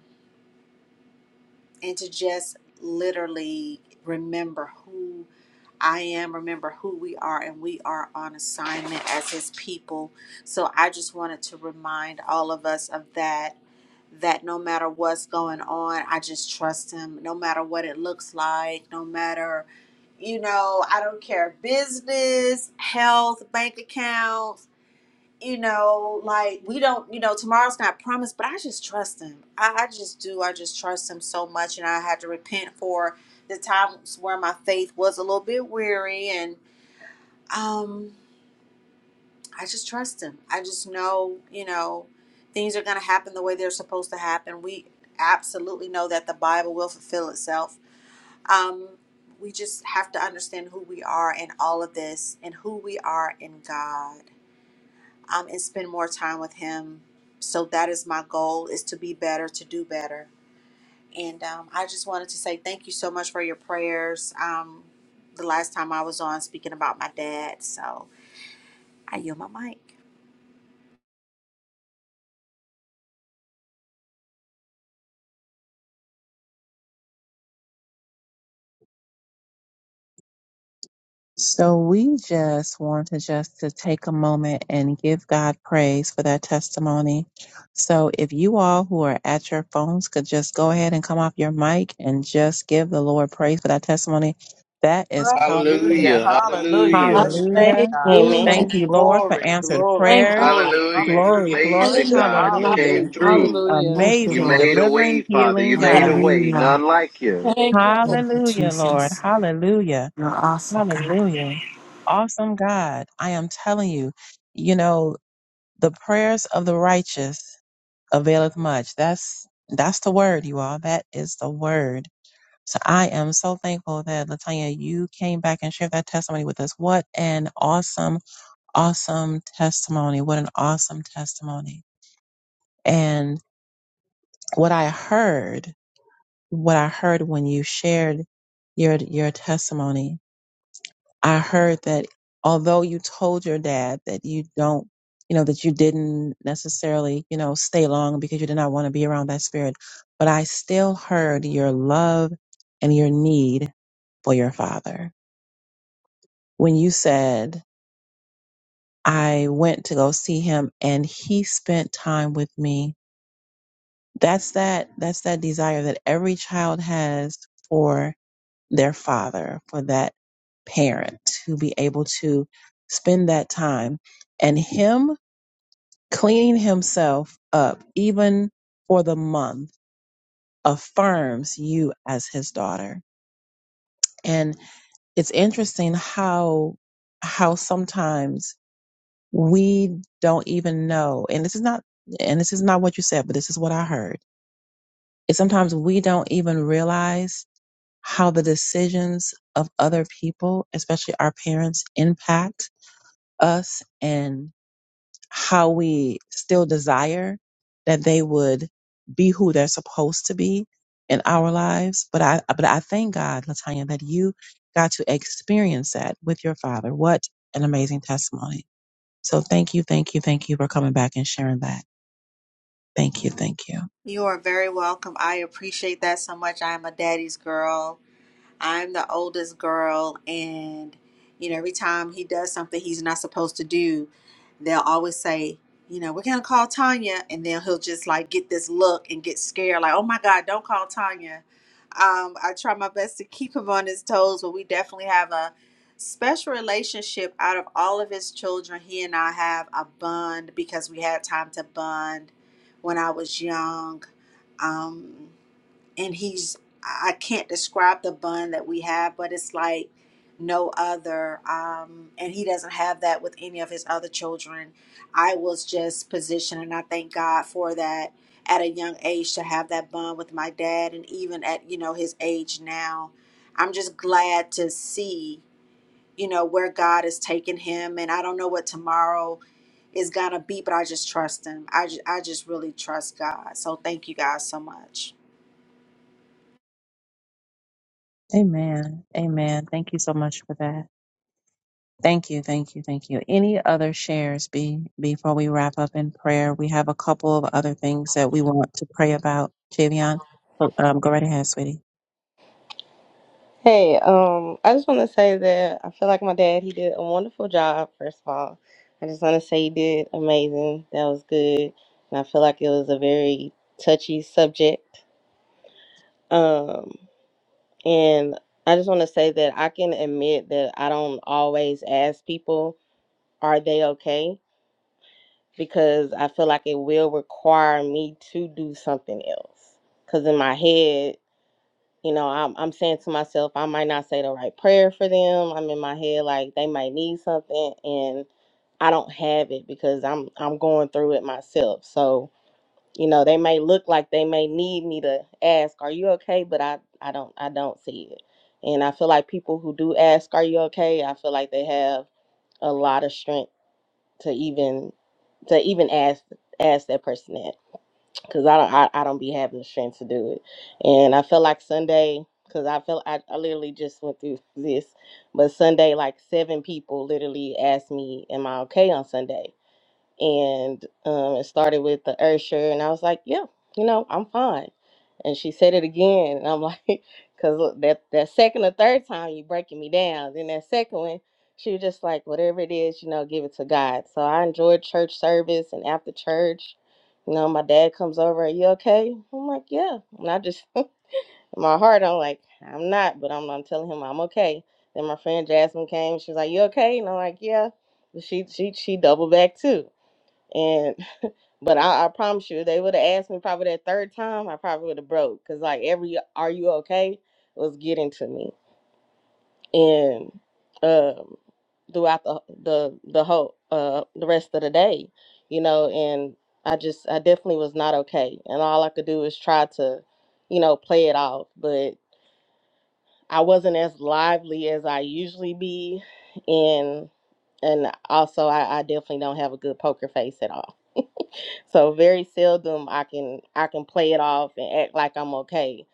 Speaker 7: and to just literally remember who I am, remember who we are, and we are on assignment as His people. So I just wanted to remind all of us of that. That no matter what's going on, I just trust him. No matter what it looks like, no matter, you know, I don't care business, health, bank accounts you know, like we don't, you know, tomorrow's not promised, but I just trust him. I, I just do. I just trust him so much. And I had to repent for the times where my faith was a little bit weary. And um, I just trust him. I just know, you know, things are going to happen the way they're supposed to happen. We absolutely know that the Bible will fulfill itself. Um, we just have to understand who we are in all of this and who we are in God. um, and spend more time with him. So that is my goal: is to be better, to do better. And um, I just wanted to say thank you so much for your prayers. Um, the last time I was on speaking about my dad, so I yield my mic.
Speaker 1: So we just wanted just to take a moment and give God praise for that testimony. So if you all who are at your phones could just go ahead and come off your mic and just give the Lord praise for that testimony. That is powerful.
Speaker 6: Hallelujah.
Speaker 2: Hallelujah.
Speaker 6: Hallelujah.
Speaker 2: Hallelujah.
Speaker 6: Bless your name,
Speaker 1: Hallelujah.
Speaker 3: Hallelujah.
Speaker 6: God.
Speaker 1: Thank
Speaker 8: Amen.
Speaker 1: you, Lord, for
Speaker 6: Glory,
Speaker 1: answered
Speaker 6: glory,
Speaker 3: Thank you.
Speaker 1: prayer.
Speaker 3: God.
Speaker 6: glory.
Speaker 2: Hallelujah. You're
Speaker 1: Glory,
Speaker 6: Hallelujah.
Speaker 1: glory.
Speaker 2: amazing, God. You
Speaker 3: Hallelujah.
Speaker 1: Hallelujah.
Speaker 2: came
Speaker 6: Hallelujah.
Speaker 3: Hallelujah.
Speaker 2: through.
Speaker 5: Hallelujah.
Speaker 9: Thank you,
Speaker 2: You
Speaker 1: Amazing,
Speaker 9: Lord.
Speaker 2: made a way,
Speaker 1: delivering,
Speaker 2: Father. You
Speaker 1: healing
Speaker 2: made a
Speaker 1: God.
Speaker 2: way. None
Speaker 9: Hallelujah.
Speaker 2: like you.
Speaker 3: Thank you,
Speaker 9: Thank you,
Speaker 1: Hallelujah, Lord.
Speaker 9: Jesus.
Speaker 1: Hallelujah.
Speaker 9: You're awesome, God.
Speaker 1: Hallelujah. Awesome God. I am telling you, you know, the prayers of the righteous availeth much. That's that's the word, you all. That is the word. So I am so thankful that Latanya, you came back and shared that testimony with us. What an awesome, awesome testimony. What an awesome testimony. And what I heard what I heard when you shared your your testimony. I heard that although you told your dad that you don't, you know, that you didn't necessarily, you know, stay long because you did not want to be around that spirit, but I still heard your love and your need for your father. When you said, I went to go see him and he spent time with me. That's that that's that desire that every child has for. their father, for that parent to be able to spend that time and him cleaning himself up, even for the month, affirms you as his daughter. And it's interesting how, how sometimes we don't even know, and this is not, and this is not what you said, but this is what I heard. Is sometimes we don't even realize how the decisions of other people, especially our parents, impact us and how we still desire that they would be who they're supposed to be in our lives. But I, but I thank God, Latanya, that you got to experience that with your father. What an amazing testimony. So thank you, thank you, thank you for coming back and sharing that. Thank you, thank you.
Speaker 7: You are very welcome. I appreciate that so much. I am a daddy's girl. I'm the oldest girl, and you know, every time he does something he's not supposed to do, they'll always say, you know, we're gonna call Tanya, and then he'll just like get this look and get scared, like, oh my God, don't call Tanya. Um, I try my best to keep him on his toes, but we definitely have a special relationship out of all of his children. He and I have a bond because we had time to bond when I was young. Um, and he's I can't describe the bun that we have, but it's like no other. Um, and he doesn't have that with any of his other children. I was just positioned, and I thank God for that at a young age to have that bond with my dad, and even at you know his age now, I'm just glad to see you know where God is taking him, and I don't know what tomorrow is gonna be, but I just trust him. I just, I just really trust God. So thank you guys so much.
Speaker 1: Amen. Amen. Thank you so much for that. Thank you, thank you, thank you. Any other shares be before we wrap up in prayer? We have a couple of other things that we want to pray about. Javion, um, go right ahead, sweetie.
Speaker 8: Hey, um, I just want to say that I feel like my dad, he did a wonderful job, first of all. I just want to say he did amazing. That was good. And I feel like it was a very touchy subject. Um, and I just want to say that I can admit that I don't always ask people, are they okay? Because I feel like it will require me to do something else. Because in my head, you know I'm, I'm saying to myself i might not say the right prayer for them i'm in my head like they might need something and i don't have it because i'm i'm going through it myself so you know they may look like they may need me to ask are you okay but i i don't i don't see it and i feel like people who do ask are you okay i feel like they have a lot of strength to even to even ask ask that person that because I don't I, I don't be having the strength to do it. And I feel like Sunday because I feel I, I literally just went through this, but Sunday like seven people literally asked me, "Am I okay on Sunday?" and um, it started with the Ursher, and I was like, "Yeah, you know, I'm fine." And she said it again, and I'm like, "Cause that that second or third time you breaking me down." Then that second one, she was just like, "Whatever it is, you know, give it to God." So I enjoyed church service, and after church, you know, my dad comes over, "Are you okay?" I'm like, "Yeah," and I just in my heart, I'm like, "I'm not," but I'm I'm telling him I'm okay. Then my friend Jasmine came, she was like, "You okay?" And I'm like, "Yeah." But she she she doubled back too. And but I, I promise you, they would have asked me probably that third time, I probably would have broke because like every "Are you okay?" was getting to me, and um, throughout the the the whole uh the rest of the day, you know, and I just I definitely was not okay, and all I could do is try to, you know, play it off, but I wasn't as lively as I usually be, and and also I, I definitely don't have a good poker face at all So very seldom I can I can play it off and act like I'm okay,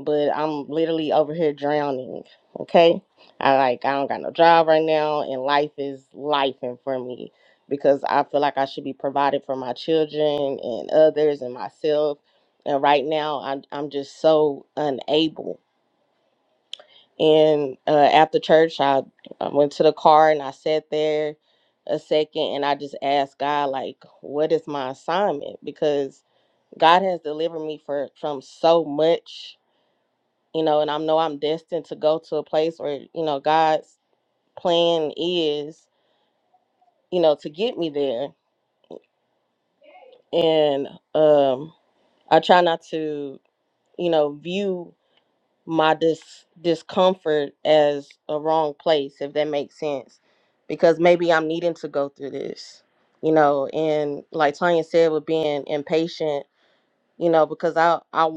Speaker 8: but I'm literally over here drowning. Okay, I like I don't got no job right now, and life is life for me because I feel like I should be provided for my children and others and myself, and right now I'm I'm just so unable. And uh, after church, I, I went to the car and I sat there a second and I just asked God like, what is my assignment because God has delivered me for from so much, you know, and I know I'm destined to go to a place where, you know, God's plan is, you know, to get me there. And um I try not to, you know, view my dis- discomfort as a wrong place, if that makes sense. Because maybe I'm needing to go through this, you know, and like Tanya said with being impatient you know, because I I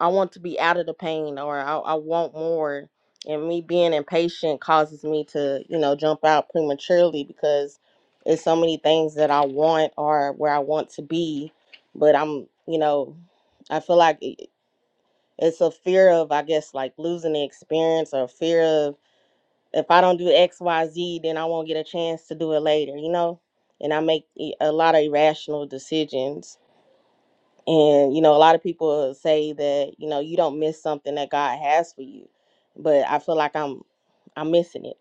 Speaker 8: I want to be out of the pain or I, I want more. And me being impatient causes me to, you know, jump out prematurely because it's so many things that I want or where I want to be, but I'm, you know, I feel like it- it's a fear of, I guess, like losing the experience or fear of if I don't do X, Y, Z, then I won't get a chance to do it later, you know. And I make i- a lot of irrational decisions and you know, a lot of people say that, you know, you don't miss something that God has for you. But I feel like I'm I'm missing it.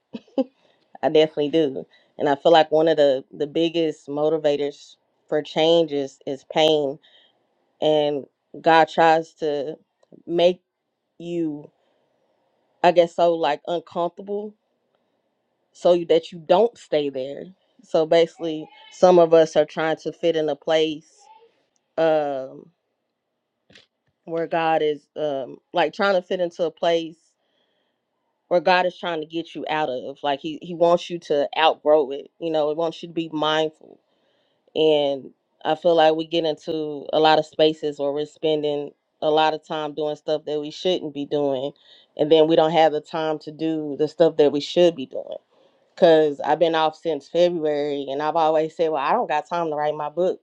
Speaker 8: I definitely do. And I feel like one of the the biggest motivators for change is is pain and God tries to make you I guess so like uncomfortable so you- that you don't stay there. So basically some of us are trying to fit in a place um where God is um like trying to fit into a place or God is trying to get you out of. Like he he wants you to outgrow it. You know, he wants you to be mindful. And I feel like we get into a lot of spaces where we're spending a lot of time doing stuff that we shouldn't be doing, and then we don't have the time to do the stuff that we should be doing. Cause I've been off since February, and I've always said, "Well, I don't got time to write my book.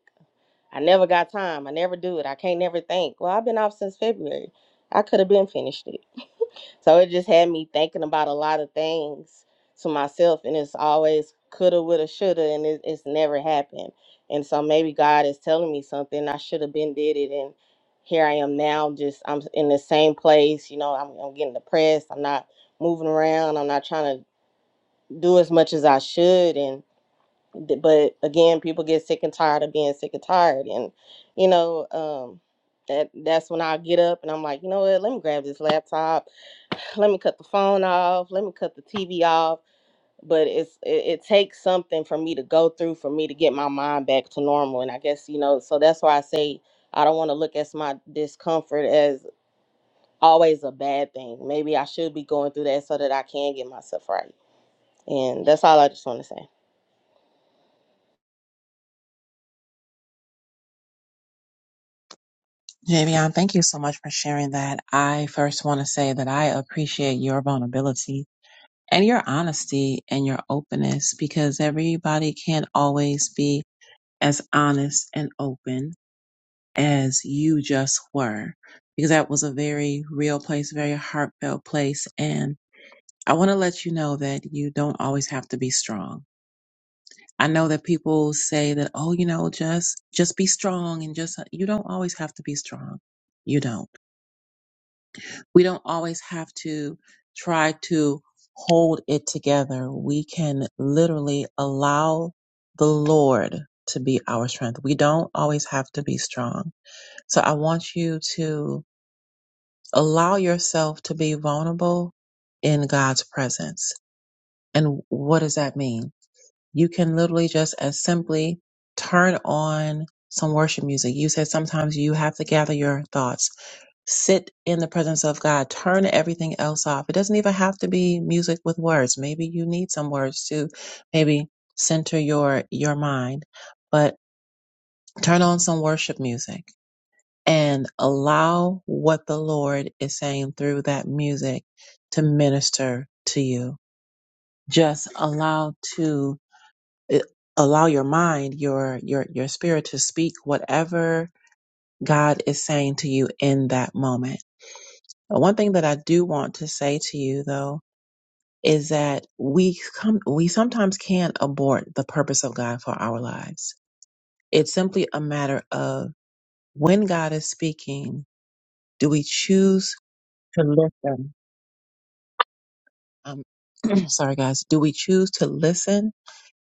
Speaker 8: I never got time. I never do it. I can't never think." Well, I've been off since February. I could have been finished it so it just had me thinking about a lot of things to myself, and it's always coulda, woulda, shoulda, and it, it's never happened. And so maybe God is telling me something I should have been did it, and here I am now. Just I'm in the same place. You know, I'm, I'm getting depressed. I'm not moving around. I'm not trying to do as much as I should, and. Th- But again, people get sick and tired of being sick and tired, and you know, um, that that's when I get up and I'm like, you know what? Let me grab this laptop. Let me cut the phone off. Let me cut the TV off. But it's it, it takes something for me to go through for me to get my mind back to normal. And I guess you know, so that's why I say I don't want to look at my discomfort as always a bad thing. Maybe I should be going through that so that I can get myself right. And that's all I just want to say.
Speaker 1: Javion, thank you so much for sharing that. I first want to say that I appreciate your vulnerability and your honesty and your openness because everybody can't always be as honest and open as you just were because that was a very real place, very heartfelt place. And I want to let you know that you don't always have to be strong. I know that people say that, oh, you know, just, just be strong and just, uh," you don't always have to be strong. You don't. We don't always have to try to hold it together. We can literally allow the Lord to be our strength. We don't always have to be strong. So I want you to allow yourself to be vulnerable in God's presence. And what does that mean? you can literally just as simply turn on some worship music. You said sometimes you have to gather your thoughts, sit in the presence of God, turn everything else off. It doesn't even have to be music with words. Maybe you need some words to maybe center your your mind, but turn on some worship music and allow what the Lord is saying through that music to minister to you. Just allow to it- allow your mind your your your spirit to speak whatever god is saying to you in that moment But one thing that i do want to say to you though is that we come we sometimes can't abort the purpose of god for our lives it's simply a matter of when god is speaking do we choose to listen um, sorry guys do we choose to listen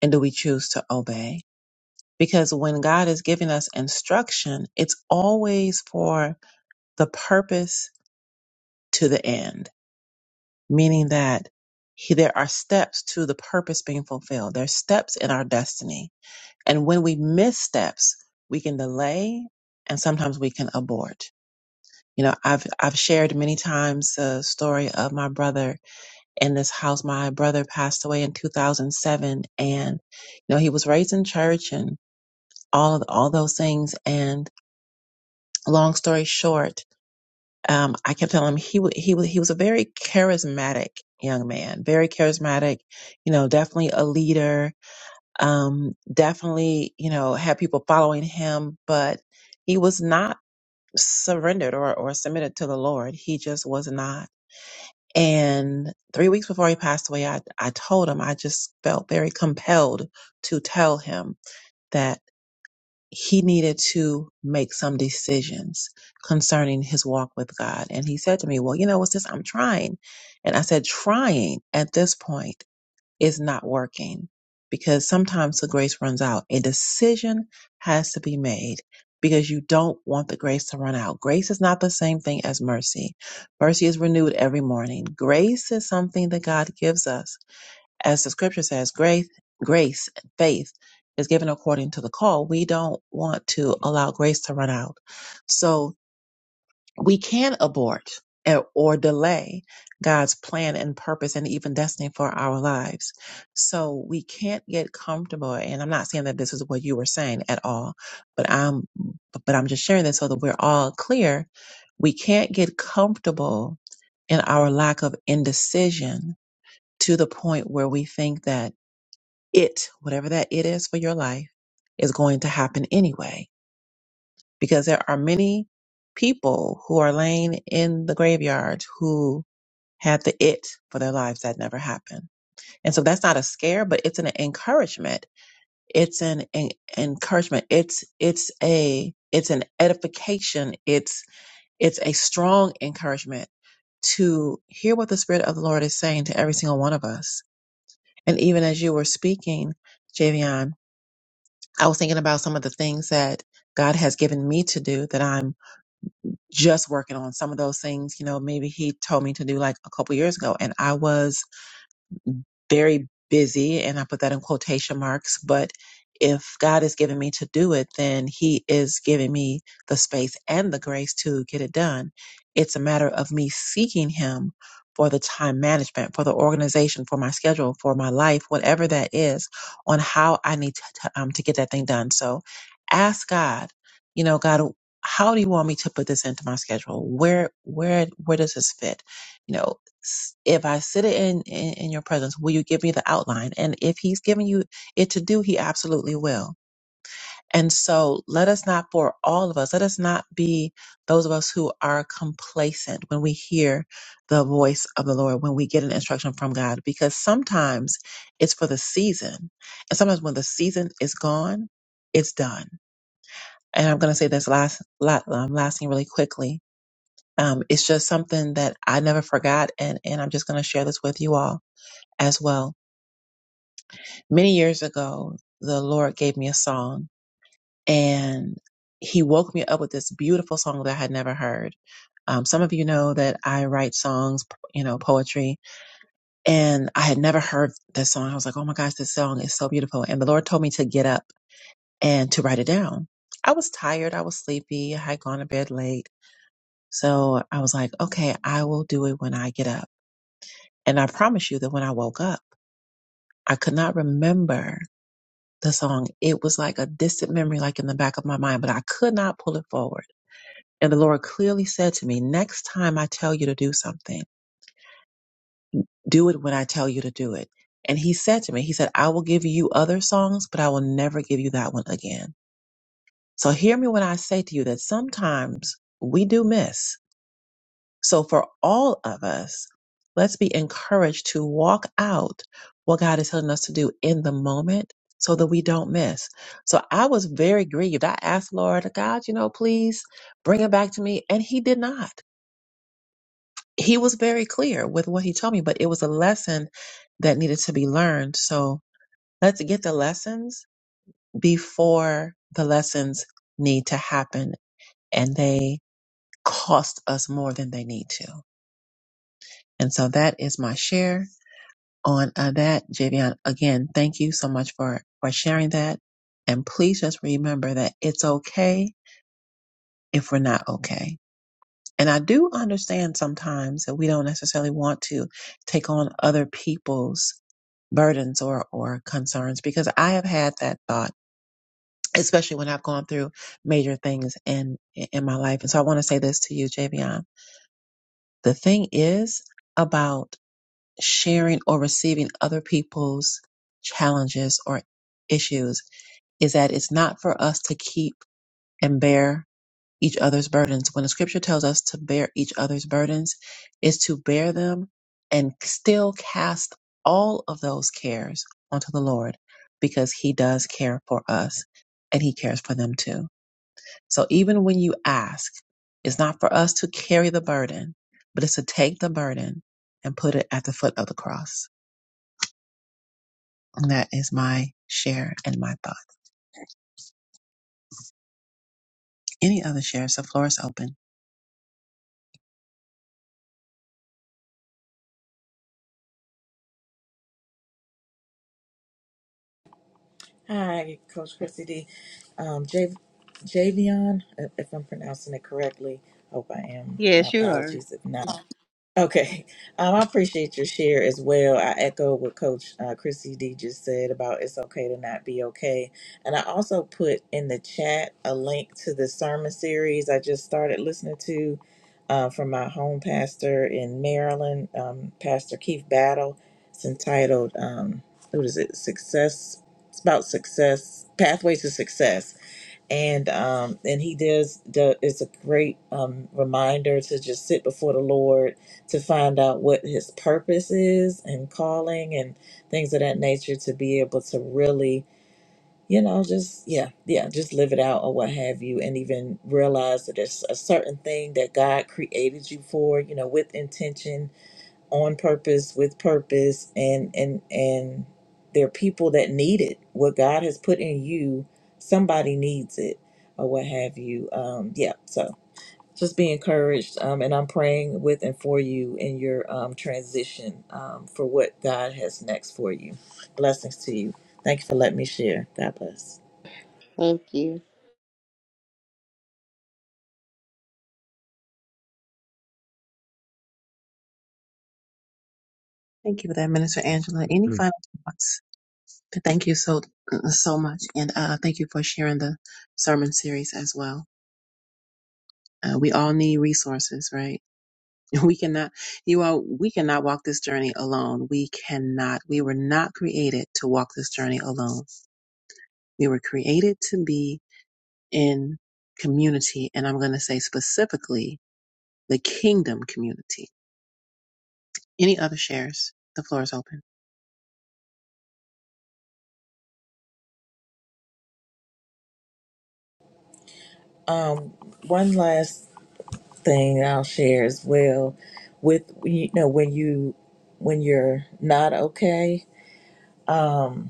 Speaker 1: and do we choose to obey because when God is giving us instruction, it's always for the purpose to the end, meaning that he, there are steps to the purpose being fulfilled. There are steps in our destiny. And when we miss steps, we can delay and sometimes we can abort. You know, I've, I've shared many times the story of my brother in this house. My brother passed away in 2007 and, you know, he was raised in church and all of all those things. And long story short, um, I kept telling him he wa- he wa- he was a very charismatic young man, very charismatic, you know, definitely a leader, um, definitely you know had people following him, but he was not surrendered or or submitted to the Lord. He just was not. And three weeks before he passed away, I I told him I just felt very compelled to tell him he needed to make some decisions concerning his walk with God. And he said to me, Well, you know, what's this? I'm trying. And I said, Trying at this point is not working because sometimes the grace runs out. A decision has to be made because you don't want the grace to run out. Grace is not the same thing as mercy. Mercy is renewed every morning. Grace is something that God gives us as the scripture says, grace, grace, faith is given according to the call. We don't want to allow grace to run out. So we can abort and- or delay God's plan and purpose and even destiny for our lives. So we can't get comfortable. And I'm not saying that this is what you were saying at all, but I'm, but I'm just sharing this so that we're all clear. We can't get comfortable in our lack of indecision to the point where we think that it, whatever that it is for your life, is going to happen anyway. Because there are many people who are laying in the graveyard who had the it for their lives that never happened. And so that's not a scare, but it's an encouragement. It's an, en- encouragement. It's, it's a, it's an edification. It's, it's a strong encouragement to hear what the Spirit of the Lord is saying to every single one of us. And even as you were speaking, Javion, I was thinking about some of the things that God has given me to do that I'm just working on. Some of those things, you know, maybe He told me to do like a couple years ago, and I was very busy, and I put that in quotation marks. But if God is giving me to do it, then He is giving me the space and the grace to get it done. It's a matter of me seeking Him for the time management, for the organization, for my schedule, for my life, whatever that is, on how I need to, to, um, to get that thing done. So ask God, you know, God, how do you want me to put this into my schedule? Where, where, where does this fit? You know s- if I sit in, in in your presence, will you give me the outline? And if he's giving you it to do, he absolutely will. And so let us not, for all of us, let us not be those of us who are complacent when we hear the voice of the Lord, when we get an instruction from God, because sometimes it's for the season. And sometimes when the season is gone, it's done. And I'm going to say this last, la- um, last thing really quickly. Um, it's just something that I never forgot. And, and I'm just going to share this with you all as well. Many years ago, the Lord gave me a song and he woke me up with this beautiful song that I had never heard. Um, some of you know that I write songs, you know, poetry, and I had never heard this song. I was like, oh my gosh, this song is so beautiful. And the Lord told me to get up and to write it down. I was tired. I was sleepy. I had gone to bed late. So I was like, okay, I will do it when I get up. And I promise you that when I woke up, I could not remember the song, it was like a distant memory, like in the back of my mind, but I could not pull it forward. And the Lord clearly said to me, Next time I tell you to do something, do it when I tell you to do it. And He said to me, He said, I will give you other songs, but I will never give you that one again. So hear me when I say to you that sometimes we do miss So for all of us, let's be encouraged to walk out what God is telling us to do in the moment so that we don't miss. So I was very grieved. I asked Lord, God, you know, please bring it back to me. And he did not. He was very clear with what he told me, but it was a lesson that needed to be learned. So let's get the lessons before the lessons need to happen and they cost us more than they need to. And so that is my share. on uh, that, Javion. Again, thank you so much for for sharing that. And please just remember that it's okay if we're not okay. And I do understand sometimes that we don't necessarily want to take on other people's burdens or or concerns because I have had that thought, especially when I've gone through major things in in my life. And so I want to say this to you, Javion. The thing is about sharing or receiving other people's challenges or issues is that it's not for us to keep and bear each other's burdens. When the scripture tells us to bear each other's burdens, is to bear them and still cast all of those cares onto the Lord because he does care for us and he cares for them too. So even when you ask, it's not for us to carry the burden, but it's to take the burden and put it at the foot of the cross. And that is my share and my thought. Any other shares? The floor is open.
Speaker 6: Hi, Coach Chrissy D. Um, J- Javion, if if I'm pronouncing it correctly. Hope I am. My
Speaker 8: Yes, you are.
Speaker 6: apologies if not. Okay, um, I appreciate your share as well. I echo what Coach uh, Chrissy D just said about it's okay to not be okay, and I also put in the chat a link to the sermon series I just started listening to uh, from my home pastor in Maryland, um, Pastor Keith Battle. It's entitled um, "What is it? Success." It's about success, pathways to success and um and he does the it's a great um reminder to just sit before the lord to find out what his purpose is and calling and things of that nature to be able to really you know just yeah yeah just live it out or what have you and even realize that it's a certain thing that god created you for you know with intention on purpose with purpose and and and there are people that need it what god has put in you somebody needs it or what have you um yeah so just be encouraged um, and i'm praying with and for you in your um, transition um, for what god has next for you blessings to you thank you for letting me share god bless
Speaker 8: Thank you.
Speaker 1: Thank you for that, Minister Angela. Any
Speaker 2: I
Speaker 1: final thoughts? Thank you so uh, so much, and uh, thank you for sharing the sermon series as well. Uh, we all need resources, right? We cannot, you all, we cannot walk this journey alone. We cannot. We were not created to walk this journey alone. We were created to be in community, and I'm going to say specifically the kingdom community Any other shares? The floor is open.
Speaker 6: um, one last thing i'll share as well with you know when you when you're not okay um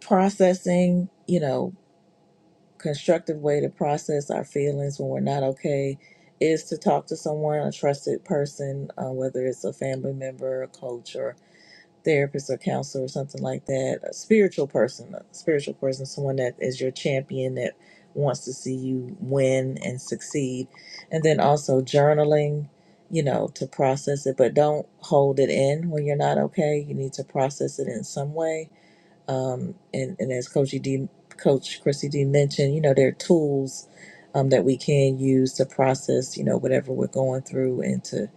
Speaker 6: processing, you know, constructive way to process our feelings when we're not okay is to talk to someone, a trusted person, uh, whether it's a family member, a coach, or therapist, or counselor, or something like that, a spiritual person, a spiritual person, someone that is your champion that wants to see you win and succeed. And then also journaling, you know, to process it, but don't hold it in when you're not okay. You need to process it in some way um, and, and as Coach D, Coach Chrissy D mentioned, you know, there are tools um, that we can use to process, you know, whatever we're going through, and to,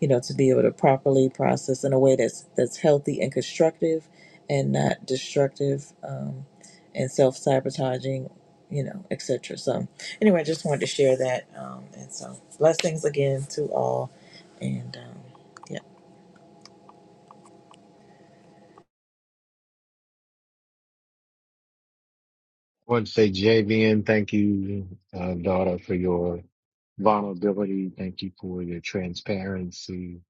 Speaker 6: you know, to be able to properly process in a way that's that's healthy and constructive, and not destructive, um, and self sabotaging, you know, etc. So, anyway, I just wanted to share that, um, and so blessings again to all, and um, yeah.
Speaker 2: want to say, JVN, thank you, uh, daughter, for your vulnerability. Thank you for your transparency.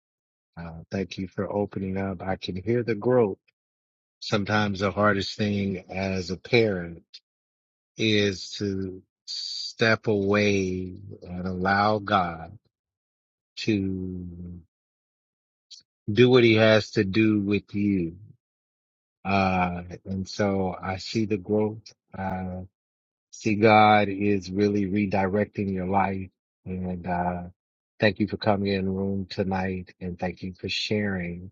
Speaker 2: Uh, thank you for opening up. I can hear the growth. Sometimes the hardest thing as a parent is to step away and allow God to do what he has to do with you Uh, and so I see the growth. Uh, see God is really redirecting your life. And, uh, thank you for coming in the room tonight and thank you for sharing.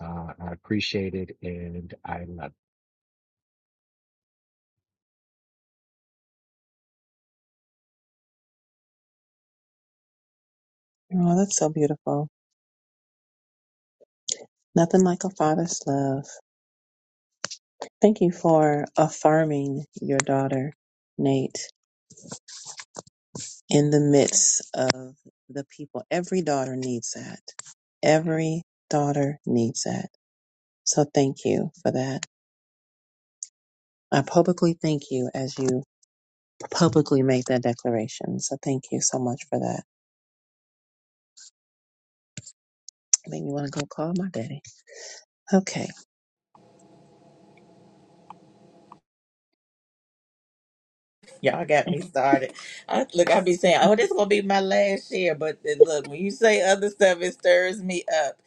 Speaker 2: Uh, I appreciate it and I love it.
Speaker 1: Oh, that's so beautiful. Nothing like a father's love. Thank you for affirming your daughter, Nate, in the midst of the people. Every daughter needs that. Every daughter needs that. So thank you for that. I publicly thank you as you publicly make that declaration. So thank you so much for that. Made me want to go call my daddy. Okay.
Speaker 6: Y'all got me started. I, look, I be saying, "Oh, this is gonna be my last year," but then look, when you say other stuff, it stirs me up.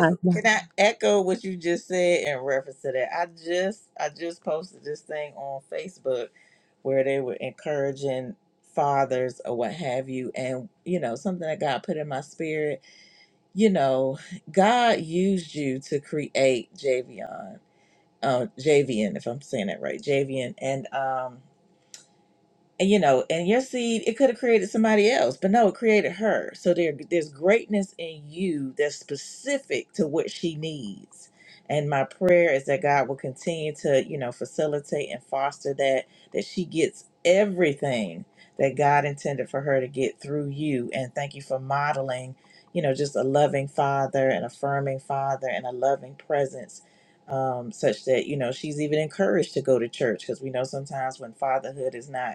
Speaker 1: I
Speaker 6: can I echo what you just said in reference to that? I just, I just posted this thing on Facebook where they were encouraging fathers or what have you, and you know, something that God put in my spirit. You know, God used you to create Javion, uh, Javian, if I'm saying that right, Javian, and um. And, you know, and your seed, it could have created somebody else, but no, it created her. So there, there's greatness in you that's specific to what she needs. And my prayer is that God will continue to, you know, facilitate and foster that, that she gets everything that God intended for her to get through you. And thank you for modeling, you know, just a loving father, an affirming father, and a loving presence um, such that you know she's even encouraged to go to church because we know sometimes when fatherhood is not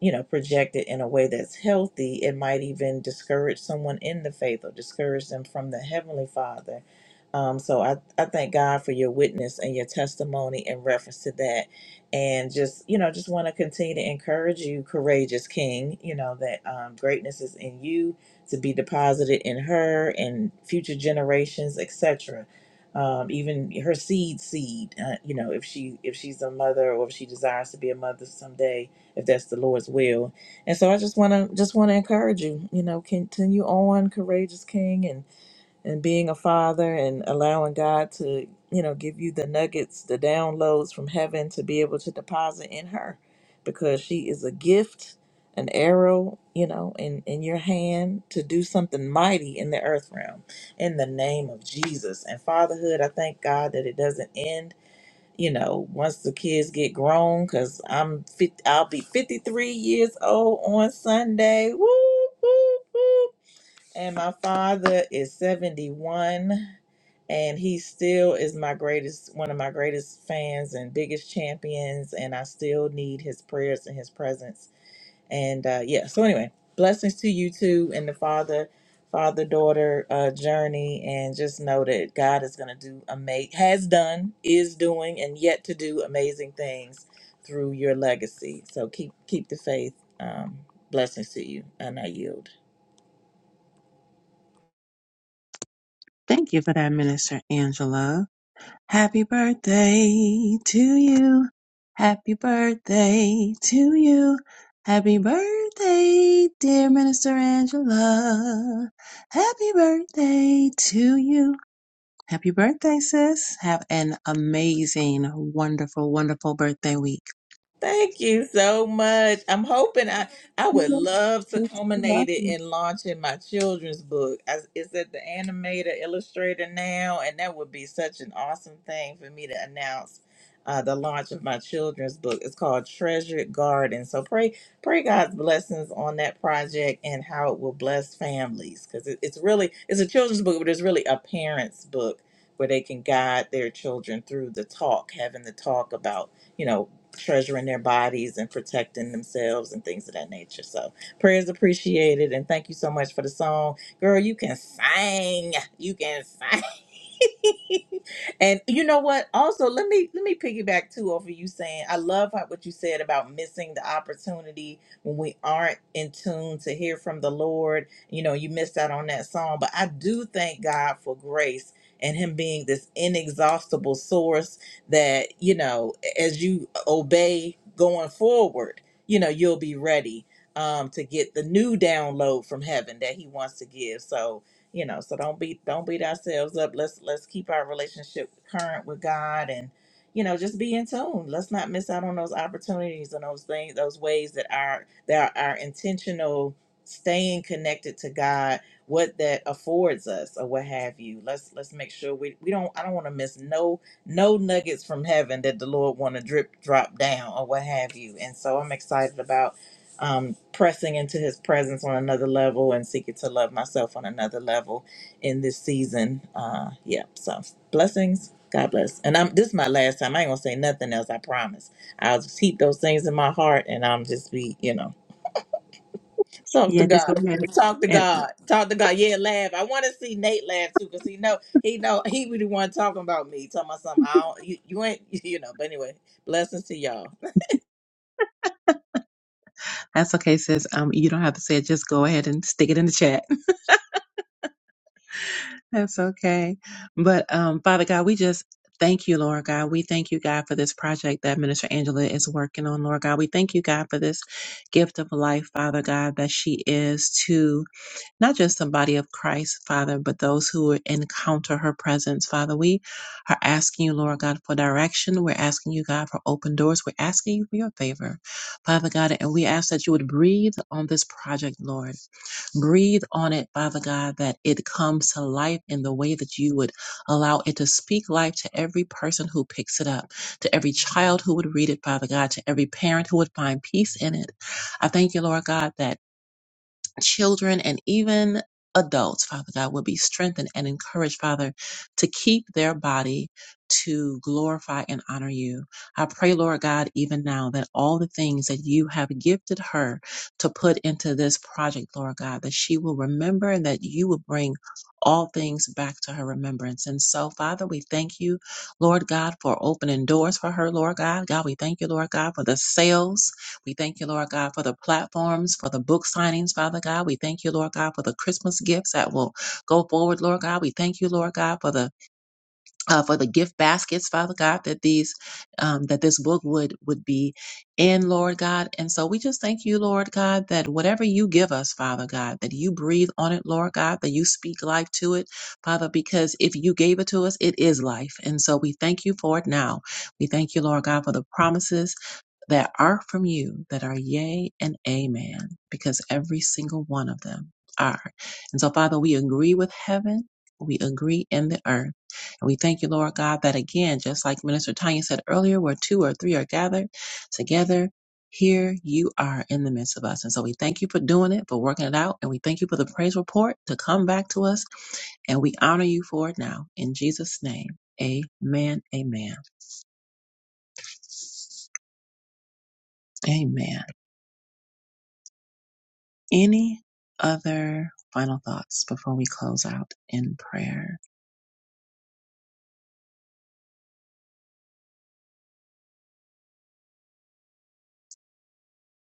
Speaker 6: you know, project it in a way that's healthy, it might even discourage someone in the faith or discourage them from the Heavenly Father. Um, so I, I thank God for your witness and your testimony in reference to that. And just, you know, just want to continue to encourage you, courageous King, you know, that um, greatness is in you to be deposited in her and future generations, etc. Um, even her seed seed, uh, you know, if she if she's a mother or if she desires to be a mother someday, if that's the Lord's will. And so I just want to just want to encourage you, you know, continue on courageous king and and being a father and allowing God to, you know, give you the nuggets, the downloads from heaven to be able to deposit in her because she is a gift, an arrow, you know, in in your hand to do something mighty in the earth realm in the name of Jesus. And fatherhood, I thank God that it doesn't end you know, once the kids get grown, because I'm 50, I'll be 53 years old on Sunday. Woo, woo, woo. And my father is 71 and he still is my greatest, one of my greatest fans and biggest champions. And I still need his prayers and his presence and uh yeah so anyway blessings to you too and the father father daughter uh journey and just know that god is going to do amazing, has done is doing and yet to do amazing things through your legacy so keep keep the faith um blessings to you and i yield
Speaker 1: Thank you for that, Minister Angela. Happy birthday to you. Happy birthday to you. Happy birthday, dear Minister Angela. Happy birthday to you. Happy birthday, sis. Have an amazing, wonderful, wonderful birthday week.
Speaker 6: Thank you so much. I'm hoping I I would love to culminate it in launching my children's book. I, it's at the animator illustrator now, and that would be such an awesome thing for me to announce uh, the launch of my children's book. It's called Treasured Garden. So pray pray God's blessings on that project and how it will bless families because it, it's really it's a children's book, but it's really a parents book where they can guide their children through the talk, having the talk about you know treasuring their bodies and protecting themselves and things of that nature. So prayers appreciated and thank you so much for the song. Girl, you can sing. You can sing. And you know what? Also, let me let me piggyback too off of you saying I love how, what you said about missing the opportunity when we aren't in tune to hear from the Lord. You know, you missed out on that song, but I do thank God for grace and Him being this inexhaustible source that you know, as you obey going forward, you know, you'll be ready um to get the new download from heaven that He wants to give. So you know so don't beat don't beat ourselves up let's let's keep our relationship current with god and you know just be in tune let's not miss out on those opportunities and those things those ways that our that our intentional staying connected to god what that affords us or what have you let's let's make sure we we don't i don't want to miss no no nuggets from heaven that the lord want to drip drop down or what have you and so i'm excited about um, pressing into his presence on another level and seeking to love myself on another level in this season. Uh, yep. So blessings. God bless. And I'm this is my last time. I ain't gonna say nothing else. I promise. I'll just keep those things in my heart, and I'm just be you know talk to
Speaker 1: Yeah, just go
Speaker 6: God.
Speaker 1: ahead.
Speaker 6: Talk to
Speaker 1: And
Speaker 6: God. Talk to God. Yeah, laugh. I want to see Nate laugh too, cause he know he know he really want talking about me, talking about something. I don't, you you ain't you know. But anyway, blessings to y'all.
Speaker 1: that's okay, sis. Um, you don't have to say it. Just go ahead and stick it in the chat. That's okay. But um, Father God, we just thank you, Lord God. We thank you, God, for this project that Minister Angela is working on, Lord God. We thank you, God, for this gift of life, Father God, that she is to not just the body of Christ, Father, but those who encounter her presence. Father, we are asking you, Lord God, for direction. We're asking you, God, for open doors. We're asking you for your favor, Father God, and we ask that you would breathe on this project, Lord. Breathe on it, Father God, that it comes to life in the way that you would allow it to speak life to every person who picks it up, to every child who would read it, Father God, to every parent who would find peace in it. I thank you, Lord God, that children and even adults, Father God, would be strengthened and encouraged, Father, to keep their body to glorify and honor you. I pray, Lord God, even now that all the things that you have gifted her to put into this project, Lord God, that she will remember and that you will bring all things back to her remembrance. And so, Father, we thank you, Lord God, for opening doors for her, Lord God. God, we thank you, Lord God, for the sales we thank you, Lord God, for the platforms, for the book signings, Father God. We thank you, Lord God, for the Christmas gifts that will go forward, Lord God. We thank you, Lord God, for the uh, for the gift baskets, Father God, that these um, that this book would would be in, Lord God. And so we just thank you, Lord God, that whatever you give us, Father God, that you breathe on it, Lord God, that you speak life to it, Father, because if you gave it to us, it is life. And so we thank you for it now. We thank you, Lord God, for the promises that are from you that are yea and amen, because every single one of them are. And so, Father, we agree with heaven. We agree in the earth. And we thank you, Lord God, that again, just like Minister Tanya said earlier, where two or three are gathered together, here you are in the midst of us. And so we thank you for doing it, for working it out. And we thank you for the praise report to come back to us. And we honor you for it now. In Jesus' name, amen, amen, amen. Any other final thoughts before we close out in prayer?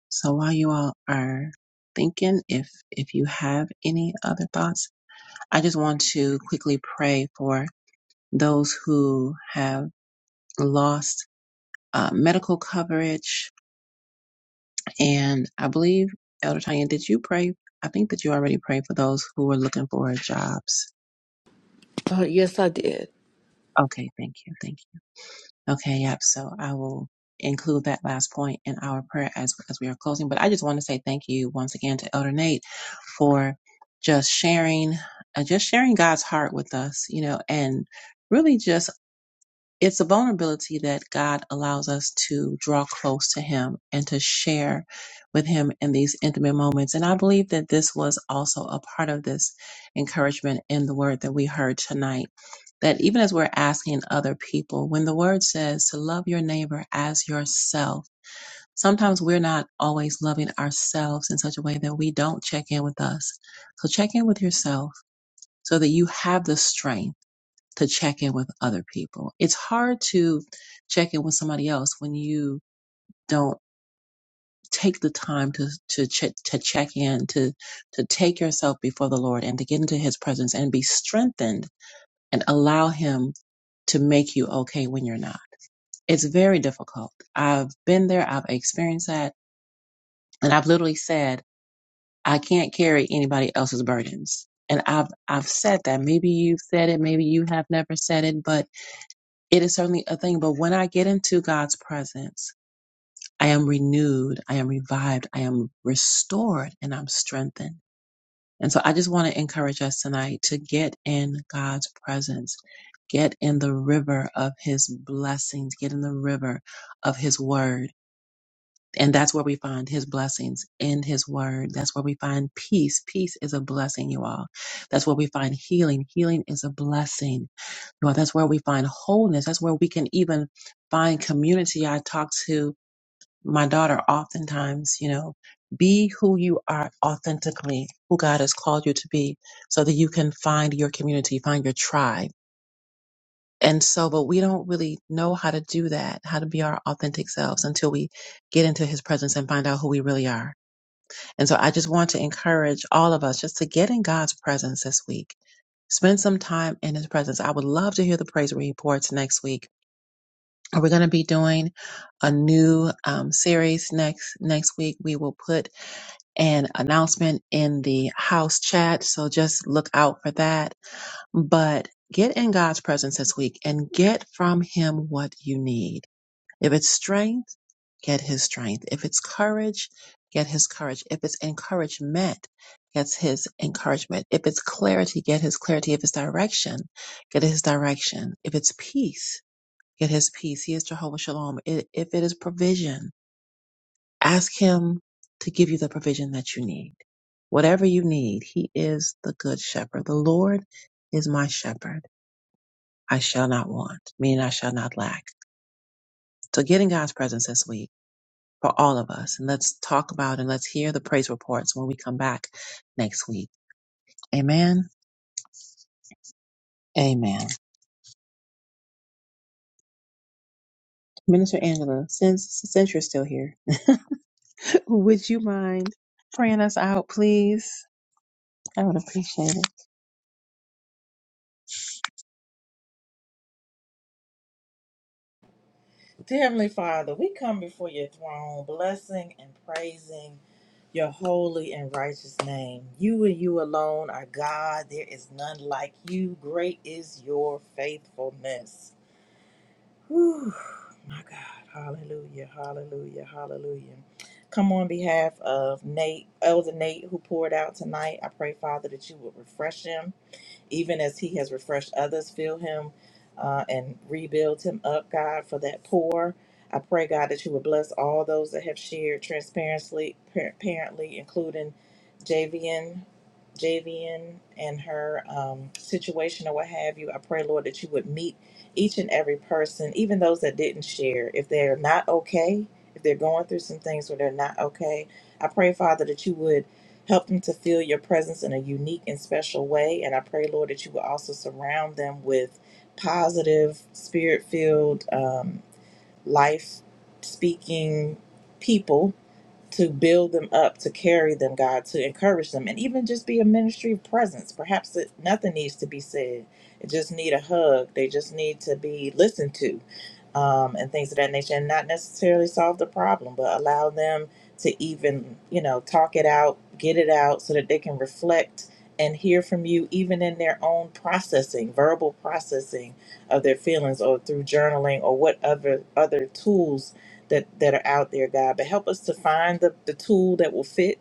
Speaker 1: So while you all are thinking, if if you have any other thoughts, I just want to quickly pray for those who have lost uh, medical coverage, and I believe Elder Tanya, did you pray? I think that you already prayed for those who were looking for jobs.
Speaker 5: Uh, yes, I did.
Speaker 1: Okay, thank you, thank you. Okay, yep. So I will include that last point in our prayer as as we are closing. But I just want to say thank you once again to Elder Nate for just sharing, uh, just sharing God's heart with us, you know, and really just it's a vulnerability that God allows us to draw close to Him and to share with Him in these intimate moments. And I believe that this was also a part of this encouragement in the word that we heard tonight. That even as we're asking other people, when the word says to love your neighbor as yourself, sometimes we're not always loving ourselves in such a way that we don't check in with us. So check in with yourself so that you have the strength to check in with other people. It's hard to check in with somebody else when you don't take the time to to check to check in to to take yourself before the Lord and to get into his presence and be strengthened and allow him to make you okay when you're not. It's very difficult. I've been there, I've experienced that, and I've literally said, I can't carry anybody else's burdens. And I've I've said that. Maybe you've said it, maybe you have never said it, but It is certainly a thing, but when I get into God's presence, I am renewed, I am revived, I am restored, and I'm strengthened. And so I just want to encourage us tonight to get in God's presence, get in the river of his blessings, get in the river of his word and that's where we find his blessings in his word. That's where we find peace. Peace is a blessing, you all. That's where we find healing. Healing is a blessing. You all, that's where we find wholeness. That's where we can even find community. I talk to my daughter oftentimes, you know, be who you are authentically, who God has called you to be, so that you can find your community, find your tribe and so, but we don't really know how to do that, how to be our authentic selves until we get into his presence and find out who we really are. And so I just want to encourage all of us just to get in God's presence this week. Spend some time in his presence. I would love to hear the praise reports next week. We're going to be doing a new um, series next next week. We will put an announcement in the house chat, so just look out for that but get in God's presence this week and get from Him what you need. If it's strength, get His strength. If it's courage, get His courage. If it's encouragement, get His encouragement. If it's clarity, get His clarity. If it's direction, get His direction. If it's peace, get His peace. He is Jehovah Shalom. I- If it is provision, ask Him to give you the provision that you need. Whatever you need, He is the good shepherd. The Lord is my shepherd. I shall not want, meaning I shall not lack. So get in God's presence this week for all of us. And let's talk about and let's hear the praise reports when we come back next week. Amen. Amen. Minister Angela, since since you're still here, would you mind praying us out, please? I would appreciate it.
Speaker 6: Dear Heavenly Father, we come before your throne, blessing and praising your holy and righteous name. You and you alone are God. There is none like you. Great is your faithfulness. Whew, my God. Hallelujah. Hallelujah. Hallelujah. Come on behalf of Nate, Elder Nate, who poured out tonight. I pray, Father, that you would refresh him even as he has refreshed others, fill him uh, and rebuild him up, God, for that poor. I pray, God, that you would bless all those that have shared transparently, apparently, including Javian, Javian and her um, situation or what have you. I pray, Lord, that you would meet each and every person, even those that didn't share. If they're not okay, if they're going through some things where they're not okay, I pray, Father, that you would Help them to feel your presence in a unique and special way. And I pray, Lord, that you will also surround them with positive, spirit filled, um, life speaking people to build them up, to carry them, God, to encourage them, and even just be a ministry of presence. Perhaps it, nothing needs to be said. They just need a hug. They just need to be listened to um, and things of that nature, and not necessarily solve the problem, but allow them to even, you know, talk it out, get it out so that they can reflect and hear from you, even in their own processing, verbal processing of their feelings or through journaling or what other, other tools that, that are out there, God. But help us to find the, the tool that will fit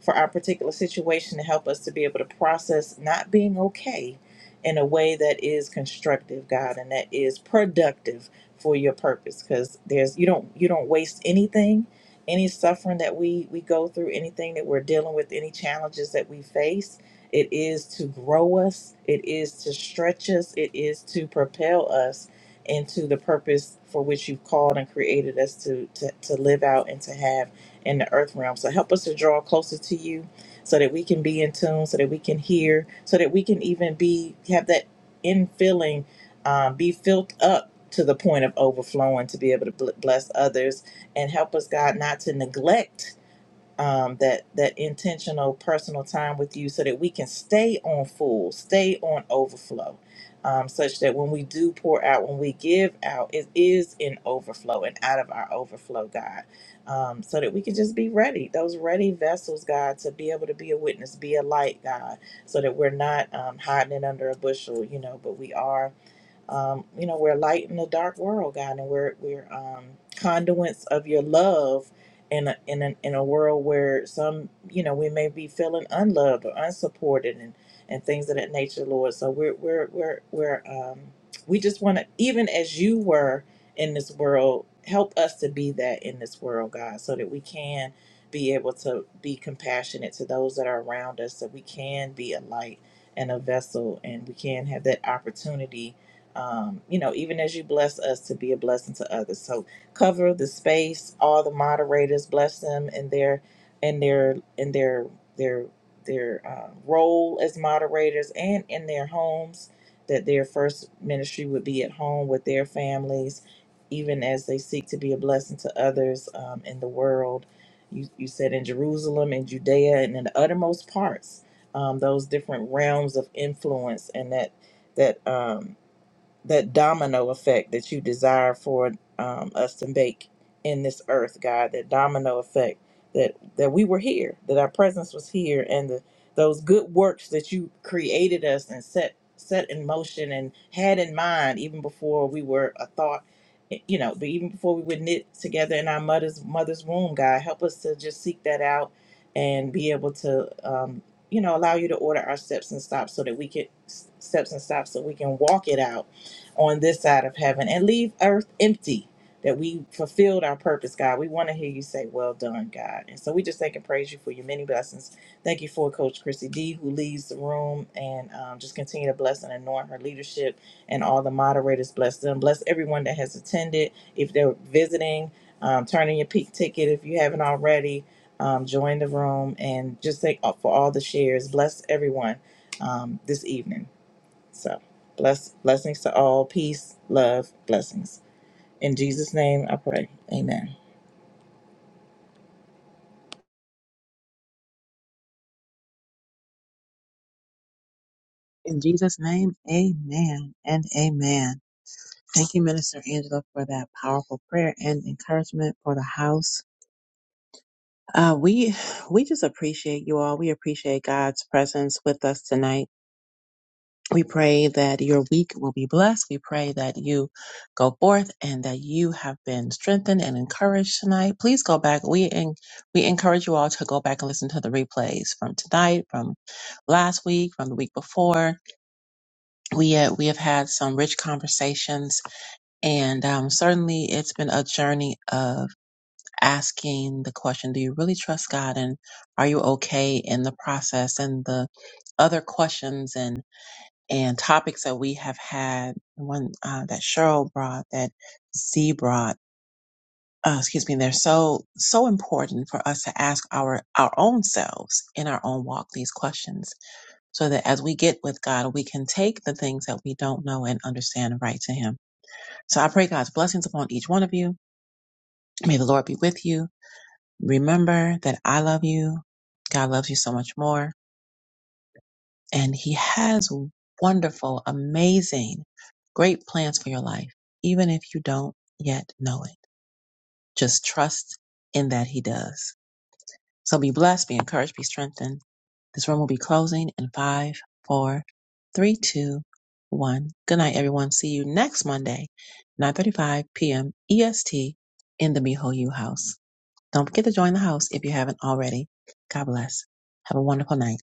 Speaker 6: for our particular situation to help us to be able to process not being okay in a way that is constructive, God, and that is productive for your purpose. Because there's you don't you don't waste anything, any suffering that we we go through, anything that we're dealing with, any challenges that we face. It is to grow us. It is to stretch us. It is to propel us into the purpose for which you've called and created us to to, to live out and to have in the earth realm. So help us to draw closer to you so that we can be in tune, so that we can hear, so that we can even be have that infilling, um, be filled up to the point of overflowing to be able to bless others and help us, God, not to neglect um, that that intentional personal time with you so that we can stay on full stay on overflow um, such that when we do pour out when we give out it is in overflow and out of our overflow god um, so that we can just be ready those ready vessels god to be able to be a witness be a light god so that we're not um, hiding it under a bushel you know but we are um, you know, we're light in a dark world, God, and we're we're um, conduits of your love in a, in a, in a world where some, you know, we may be feeling unloved or unsupported and and things of that nature, Lord. So we're we're we're we're um, we just want to, even as you were in this world, help us to be that in this world, God, so that we can be able to be compassionate to those that are around us, that we can be a light and a vessel, and we can have that opportunity um, you know, even as you bless us to be a blessing to others. So cover the space, all the moderators, bless them in their in their in their their their uh, role as moderators and in their homes. That their first ministry would be at home with their families, even as they seek to be a blessing to others um, in the world. You, you said in Jerusalem and Judea and in the uttermost parts, um, those different realms of influence, and that that um, that domino effect that you desire for um, us to make in this earth, God, that domino effect that that we were here, that our presence was here, and the, those good works that you created us and set set in motion and had in mind even before we were a thought, eh, you know, but even before we were knit together in our mother's mother's womb, God, help us to just seek that out and be able to um, you know allow you to order our steps and stops so that we can steps and stops so we can walk it out on this side of heaven and leave earth empty that we fulfilled our purpose, God. We want to hear you say, Well done, God. And so we just thank and praise you for your many blessings. Thank you for Coach Chrissy D, who leaves the room and um, just continue to bless and anoint her leadership and all the moderators. Bless them. Bless everyone that has attended. If they're visiting, um, turn in your peak ticket if you haven't already. Um, join the room and just thank uh, for all the shares. Bless everyone um, this evening. So bless blessings to all. Peace, love, blessings. In Jesus' name I pray. Amen.
Speaker 1: In Jesus' name, amen and amen. Thank you, Minister Angela, for that powerful prayer and encouragement for the house. Uh, we we just appreciate you all. We appreciate God's presence with us tonight. We pray that your week will be blessed. We pray that you go forth and that you have been strengthened and encouraged tonight. Please go back. We en- we encourage you all to go back and listen to the replays from tonight, from last week, from the week before. We uh, we have had some rich conversations, and um, certainly it's been a journey of asking the question, do you really trust God and are you okay in the process? And the other questions and, and topics that we have had, one uh, that Cheryl brought, that Z brought, uh, excuse me, they're so, so important for us to ask our, our own selves in our own walk these questions so that as we get with God, we can take the things that we don't know and understand right to Him. So I pray God's blessings upon each one of you. May the Lord be with you. Remember that I love you. God loves you so much more. And He has wonderful, amazing, great plans for your life, even if you don't yet know it. Just trust in that He does. So be blessed, be encouraged, be strengthened. This room will be closing in five, four, three, two, one. Good night, everyone. See you next Monday, 9:35 p.m. EST in the Behold You House. Don't forget to join the house if you haven't already. God bless. Have a wonderful night.